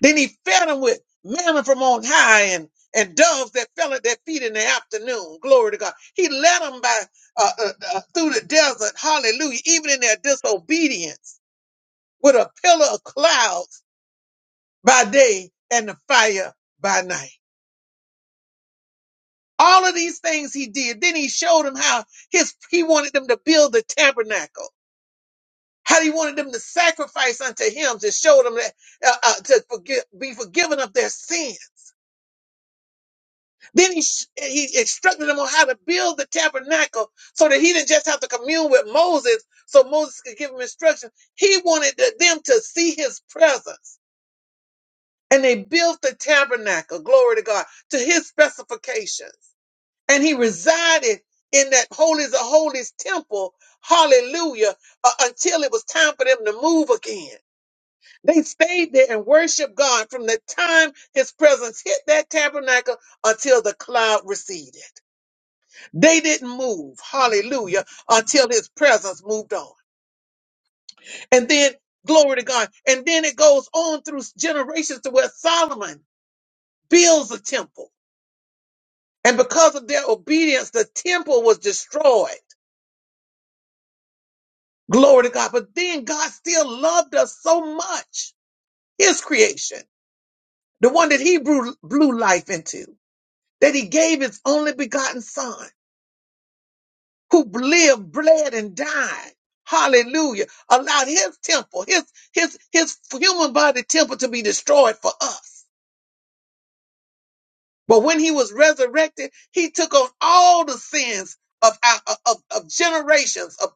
A: Then he fed them with manna from on high and, and doves that fell at their feet in the afternoon. Glory to God. He led them by uh, uh, uh, through the desert. Hallelujah. Even in their disobedience with a pillar of clouds by day and the fire by night. All of these things he did. Then he showed them how his he wanted them to build the tabernacle. How he wanted them to sacrifice unto him to show them that uh, uh, to forgive, be forgiven of their sins. Then he sh- he instructed them on how to build the tabernacle so that he didn't just have to commune with Moses, so Moses could give him instruction. He wanted the- them to see his presence, and they built the tabernacle. Glory to God to his specifications. and he resided in that holies of holies temple hallelujah uh, until it was time for them to move again they stayed there and worshiped god from the time his presence hit that tabernacle until the cloud receded they didn't move hallelujah until his presence moved on and then glory to god and then it goes on through generations to where solomon builds a temple and because of their obedience the temple was destroyed Glory to God. But then God still loved us so much, his creation, the one that he blew, blew life into, that he gave his only begotten son, who lived, bled, and died. Hallelujah. Allowed his temple, his, his, his human body temple to be destroyed for us. But when he was resurrected, he took on all the sins of, our, of, of generations of,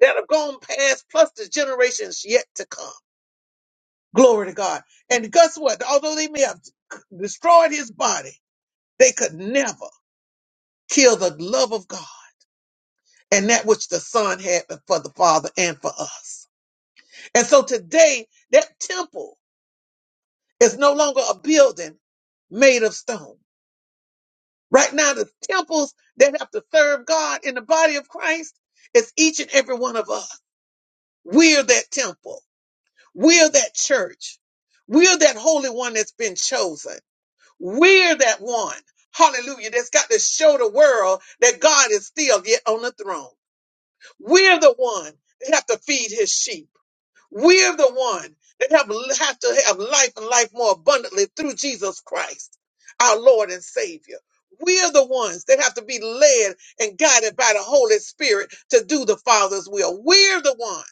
A: that have gone past, plus the generations yet to come. Glory to God. And guess what? Although they may have destroyed his body, they could never kill the love of God and that which the Son had for the Father and for us. And so today, that temple is no longer a building made of stone. Right now, the temples that have to serve God in the body of Christ is each and every one of us. We're that temple. We're that church. We're that holy one that's been chosen. We're that one, hallelujah, that's got to show the world that God is still yet on the throne. We're the one that have to feed his sheep. We're the one that have, have to have life and life more abundantly through Jesus Christ, our Lord and Savior. We're the ones that have to be led and guided by the Holy Spirit to do the Father's will. We're the ones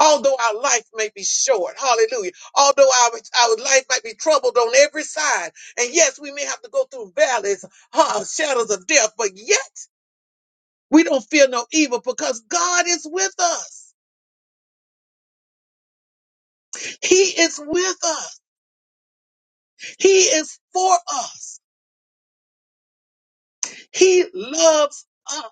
A: Although our life may be short, hallelujah. Although our, our life might be troubled on every side. And yes, we may have to go through valleys, huh, shadows of death, but yet we don't fear no evil because God is with us. He is with us. He is for us. He loves us.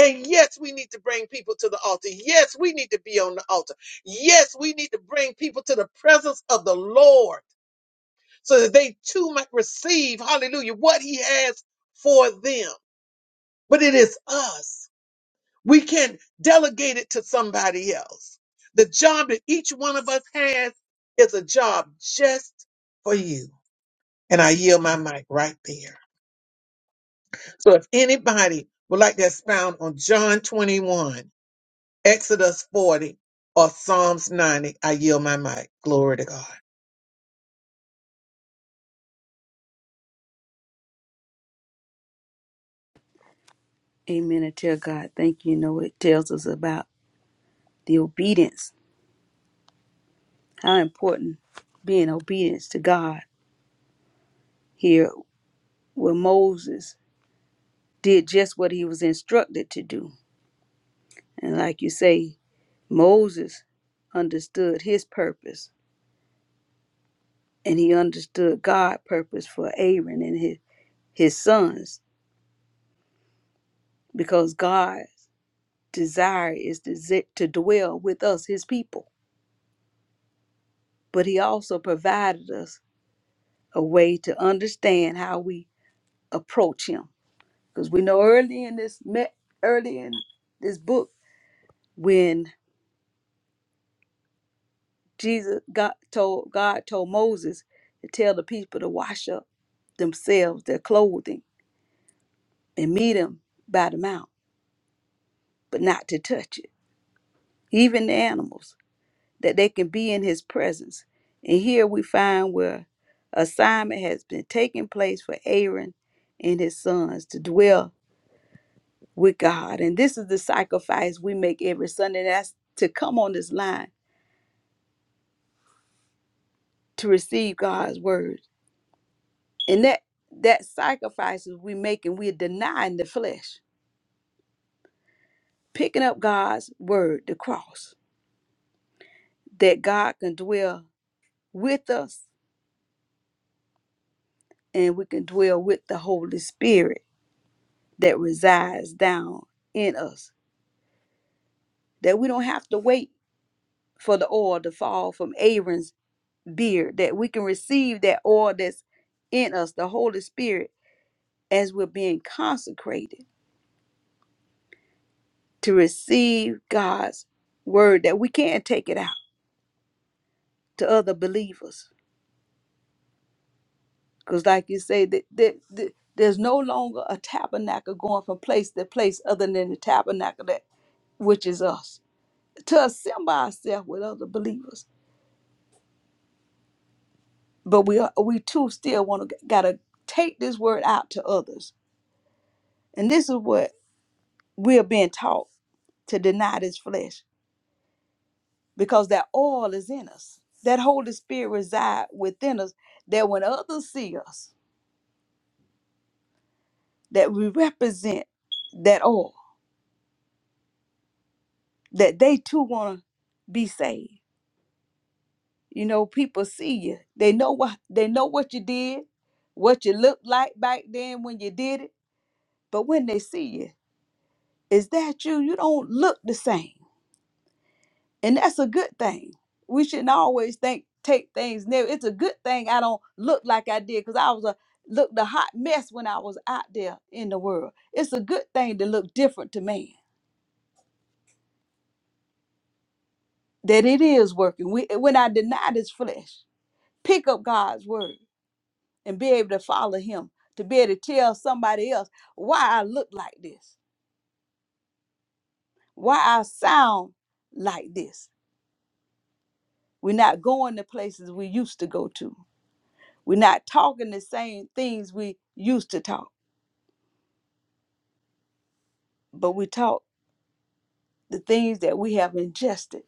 A: And yes, we need to bring people to the altar. Yes, we need to be on the altar. Yes, we need to bring people to the presence of the Lord. so that they too might receive, hallelujah, what he has for them. But it is us. We can delegate it to somebody else. The job that each one of us has is a job just for you. And I yield my mic right there. So if anybody would like to expound on John 21, Exodus 40, or Psalms 90, I yield my mic. Glory to God.
B: Amen. And tell God, thank you. You know it's about the obedience. How important being obedience to God here where Moses did just what he was instructed to do. And like you say, Moses understood his purpose and he understood God's purpose for Aaron and his, his son because God's desire is to, to dwell with us, his people but he also provided us a way to understand how we approach him because we know early in this me- early in this book when jesus got told god told moses to tell the people to wash up themselves their clothing and meet him by the mount but not to touch it even the animals that they can be in his presence and here we find where assignment has been taking place for aaron and his sons to dwell with God. And this is the sacrifice we make every Sunday. That's to come on this line to receive God's word. And that that sacrifices we make and we're denying the flesh, picking up God's word, the cross, that God can dwell with us and we can dwell with the Holy Spirit that resides down in us. That we don't have to wait for the oil to fall from Aaron's beard, that we can receive that oil that's in us, the Holy Spirit as we're being consecrated to receive God's word that we can't take it out to other believers. Because, like you say, that, that, that there's no longer a tabernacle going from place to place other than the tabernacle that which is us to assemble ourselves with other believers. But we are, we too still want to gotta take this word out to others, and this is what we are being taught to deny this flesh because that oil is in us. That Holy Spirit reside within us. That when others see us, that we represent that oil, that they too want to be saved. You know, people see you. They know what they know what you did, what you looked like back then when you did it. But when they see you, is that you? You don't look the same. and that's a good thing. We shouldn't always think take things negative. It's a good thing I don't look like I did because I was a looked a hot mess when I was out there in the world. It's a good thing to look different to man. That it is working. We, when I deny this flesh, pick up God's word and be able to follow Him to be able to tell somebody else why I look like this, why I sound like this. We're not going to places we used to go to We're not talking the same things we used to talk, but we talk the things that we have ingested,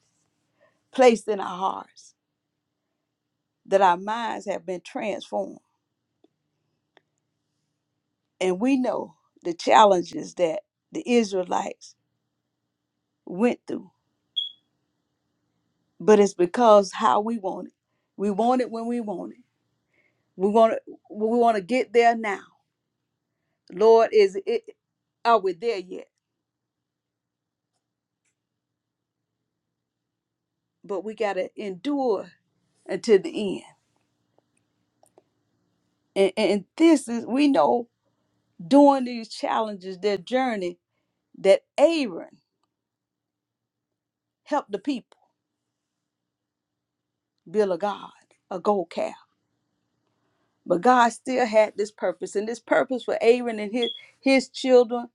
B: placed in our hearts, that our minds have been transformed. And we know the challenges that the Israelites went through, but it's because how we want it. We want it when we want it. We want to, we want to get there now. Lord, is it are we there yet? But we gotta endure until the end. And, and this is we know during these challenges, their journey, that Aaron helped the people build a god, a gold calf. But God still had this purpose, and this purpose for Aaron and his his children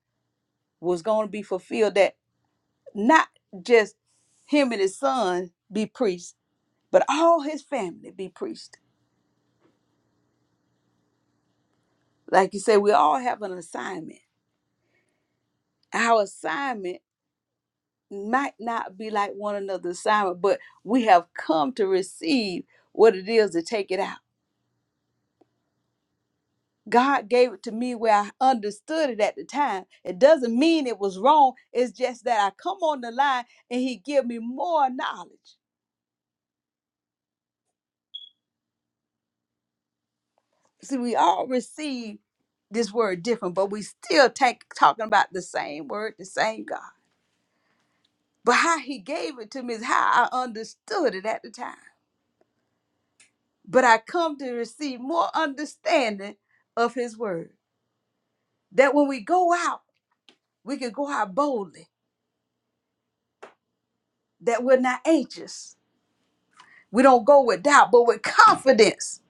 B: was going to be fulfilled. That not just him and his son be priests, but all his family be priests. Like you say, we all have an assignment. Our assignment might not be like one another's assignment, but we have come to receive what it is to take it out. God gave it to me where I understood it at the time. It doesn't mean it was wrong. It's just that I come on the line and he give me more knowledge. See, we all receive this word different, but we still take talking about the same word, the same God. But how he gave it to me is how I understood it at the time. But I come to receive more understanding of his word. That when we go out, we can go out boldly, that we're not anxious We don't go with doubt, but with confidence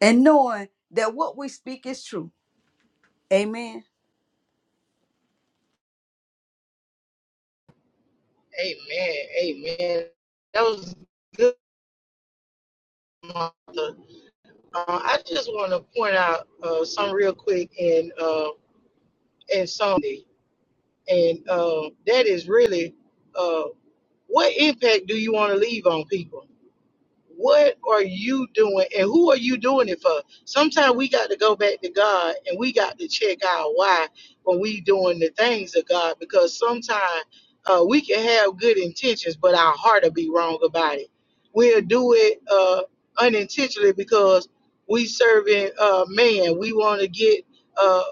B: and knowing that what we speak is true. Amen.
E: Amen. Amen. That was good, Martha. Uh, I just want to point out uh, some real quick in uh, and some. And um, that is really uh, what impact do you want to leave on people? What are you doing and who are you doing it for? Sometimes we got to go back to God and we got to check our why when we doing the things of God because sometimes uh, we can have good intentions, but our heart will be wrong about it. We'll do it uh, unintentionally because we serving uh, man. We want to get, uh,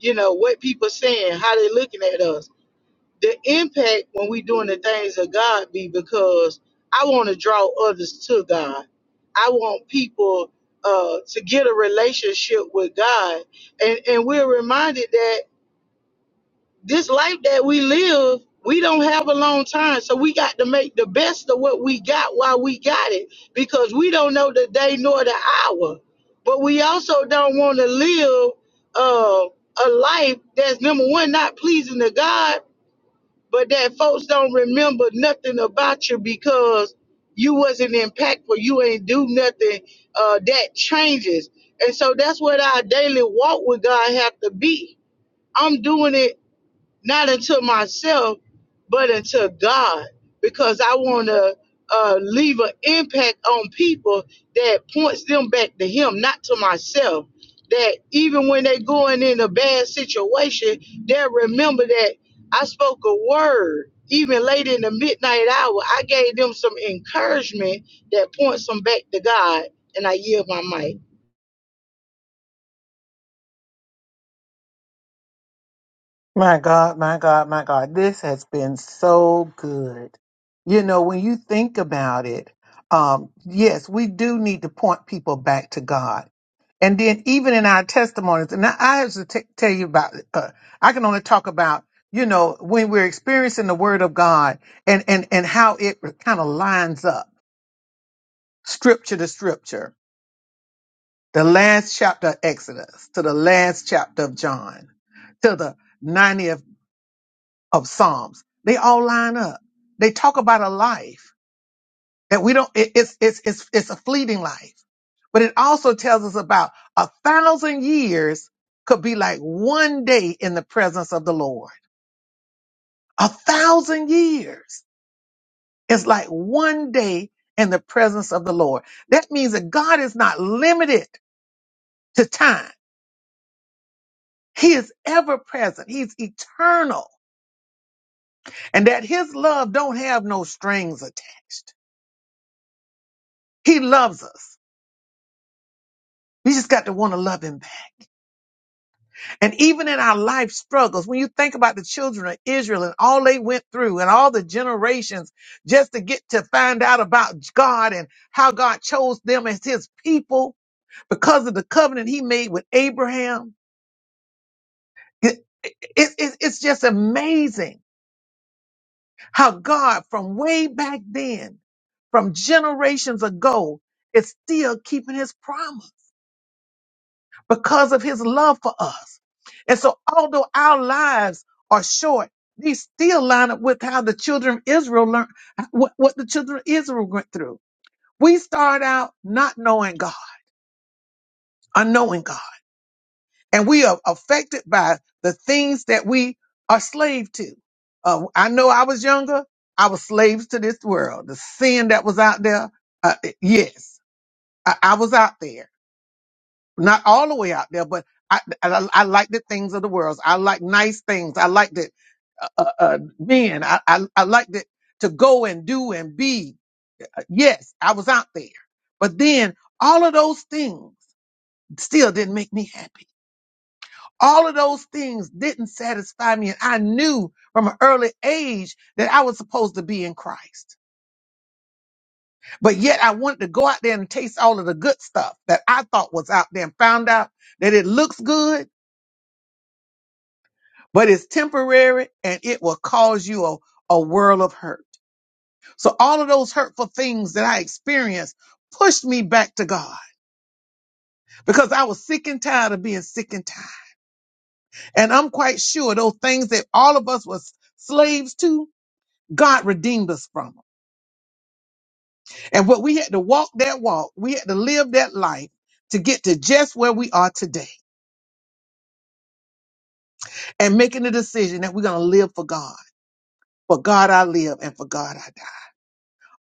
E: you know, what people saying, how they looking at us the impact when we doing the things of God be because I want to draw others to God. I want people uh, to get a relationship with God, and and we're reminded that this life that we live, we don't have a long time, so we got to make the best of what we got while we got it, because we don't know the day nor the hour. But we also don't want to live uh, a life that's number one not pleasing to God but that folks don't remember nothing about you because you wasn't impactful you ain't do nothing uh, that changes and so that's what our daily walk with god have to be i'm doing it not unto myself, but unto God, because I want to uh, leave an impact on people that points them back to Him, not to myself. That even when they're going in a bad situation, they'll remember that I spoke a word. Even late in the midnight hour, I gave them some encouragement that points them back to God, and I yield my mic.
A: My God, my God, my God, this has been so good. You know, when you think about it, um, yes, we do need to point people back to God. And then even in our testimonies, and I, I have to t- tell you about, uh, I can only talk about, you know, when we're experiencing the word of God and, and, and how it kind of lines up scripture to scripture, the last chapter of Exodus to the last chapter of John to the 90th of Psalms. They all line up. They talk about a life that we don't, it, it's, it's, it's, it's a fleeting life, but it also tells us about a thousand years could be like one day in the presence of the Lord. A thousand years is like one day in the presence of the Lord. That means that God is not limited to time. He is ever present. He's eternal and that his love don't have no strings attached. He loves us We just got to want to love him. And even in our life struggles, when you think about the children of Israel and all they went through and all the generations just to get to find out about God and how God chose them as his people because of the covenant he made with Abraham. It- it- it- it's just amazing how God from way back then, from generations ago, is still keeping his promise. because of his love for us. And so, although our lives are short, these still line up with how the children of Israel learned, what, what the children of Israel went through. We start out not knowing God, unknowing God, and we are affected by the things that we are slave to. Uh, I know I was younger. I was slaves to this world, the sin that was out there. Uh, yes, I, I was out there not all the way out there, but I, I, I like the things of the world. I like nice things. I like that uh, uh, uh, men. I, I, I like that to go and do and be. Uh, Yes, I was out there, but then all of those things still didn't make me happy. All of those things didn't satisfy me, and I knew from an early age that I was supposed to be in Christ. But yet, I wanted to go out there and taste all of the good stuff that I thought was out there, and found out that it looks good but it's temporary and it will cause you a, a world of hurt. So all of those hurtful things that I experienced pushed me back to God because I was sick and tired of being sick and tired. And I'm quite sure those things that all of us was slaves to, God redeemed us from. 'em. And what we had to walk that walk, we had to live that life to get to just where we are today and making the decision that we're going to live for God. For God I live and for God I die.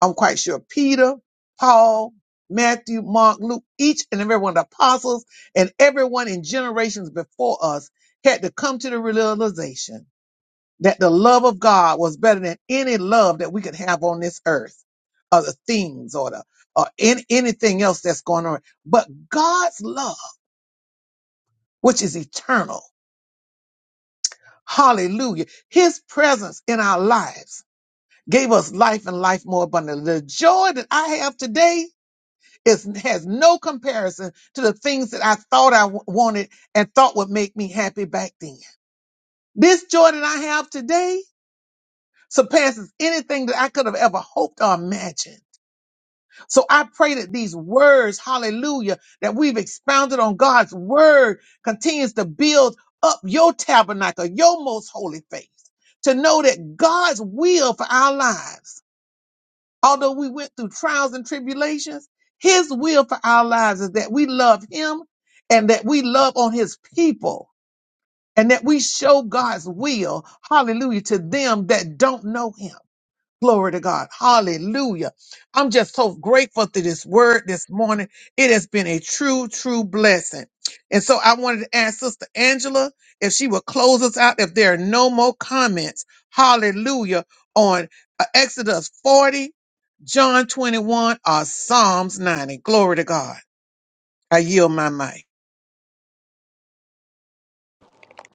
A: I'm quite sure Peter, Paul, Matthew, Mark, Luke, each and every one of the apostles and everyone in generations before us had to come to the realization that the love of God was better than any love that we could have on this earth or the things or the or any, anything else that's going on. But God's love, which is eternal, hallelujah, his presence in our lives gave us life and life more abundantly. The joy that I have today is has no comparison to the things that I thought I w- wanted and thought would make me happy back then. This joy that I have today surpasses anything that I could have ever hoped or imagined. So I pray that these words, hallelujah, that we've expounded on God's word continues to build up your tabernacle, your most holy faith, to know that God's will for our lives although we went through trials and tribulations, his will for our lives is that we love him and that we love on his people and that we show God's will, hallelujah, to them that don't know him. Glory to God. Hallelujah. I'm just so grateful to this word this morning. It has been a true, true blessing. And so I wanted to ask Sister Angela if she would close us out if there are no more comments. Hallelujah. On uh, Exodus 40, John 21, or Psalms 90. Glory to God. I yield my mic.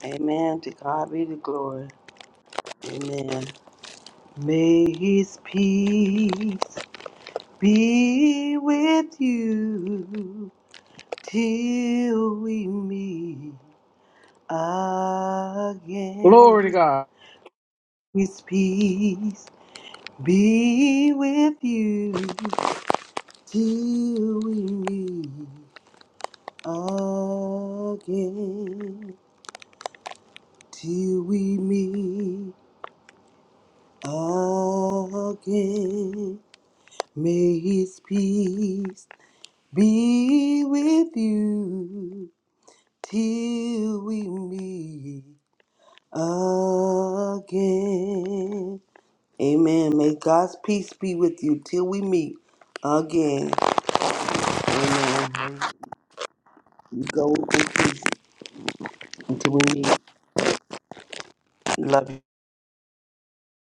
D: Amen. To God be the glory. Amen. May his peace be with you till we meet again. His peace be with you till we meet again. Till we meet again. May his peace be with you till we meet again. Amen. May God's peace be with you till we meet again. Amen. You go in peace until we meet. Love you.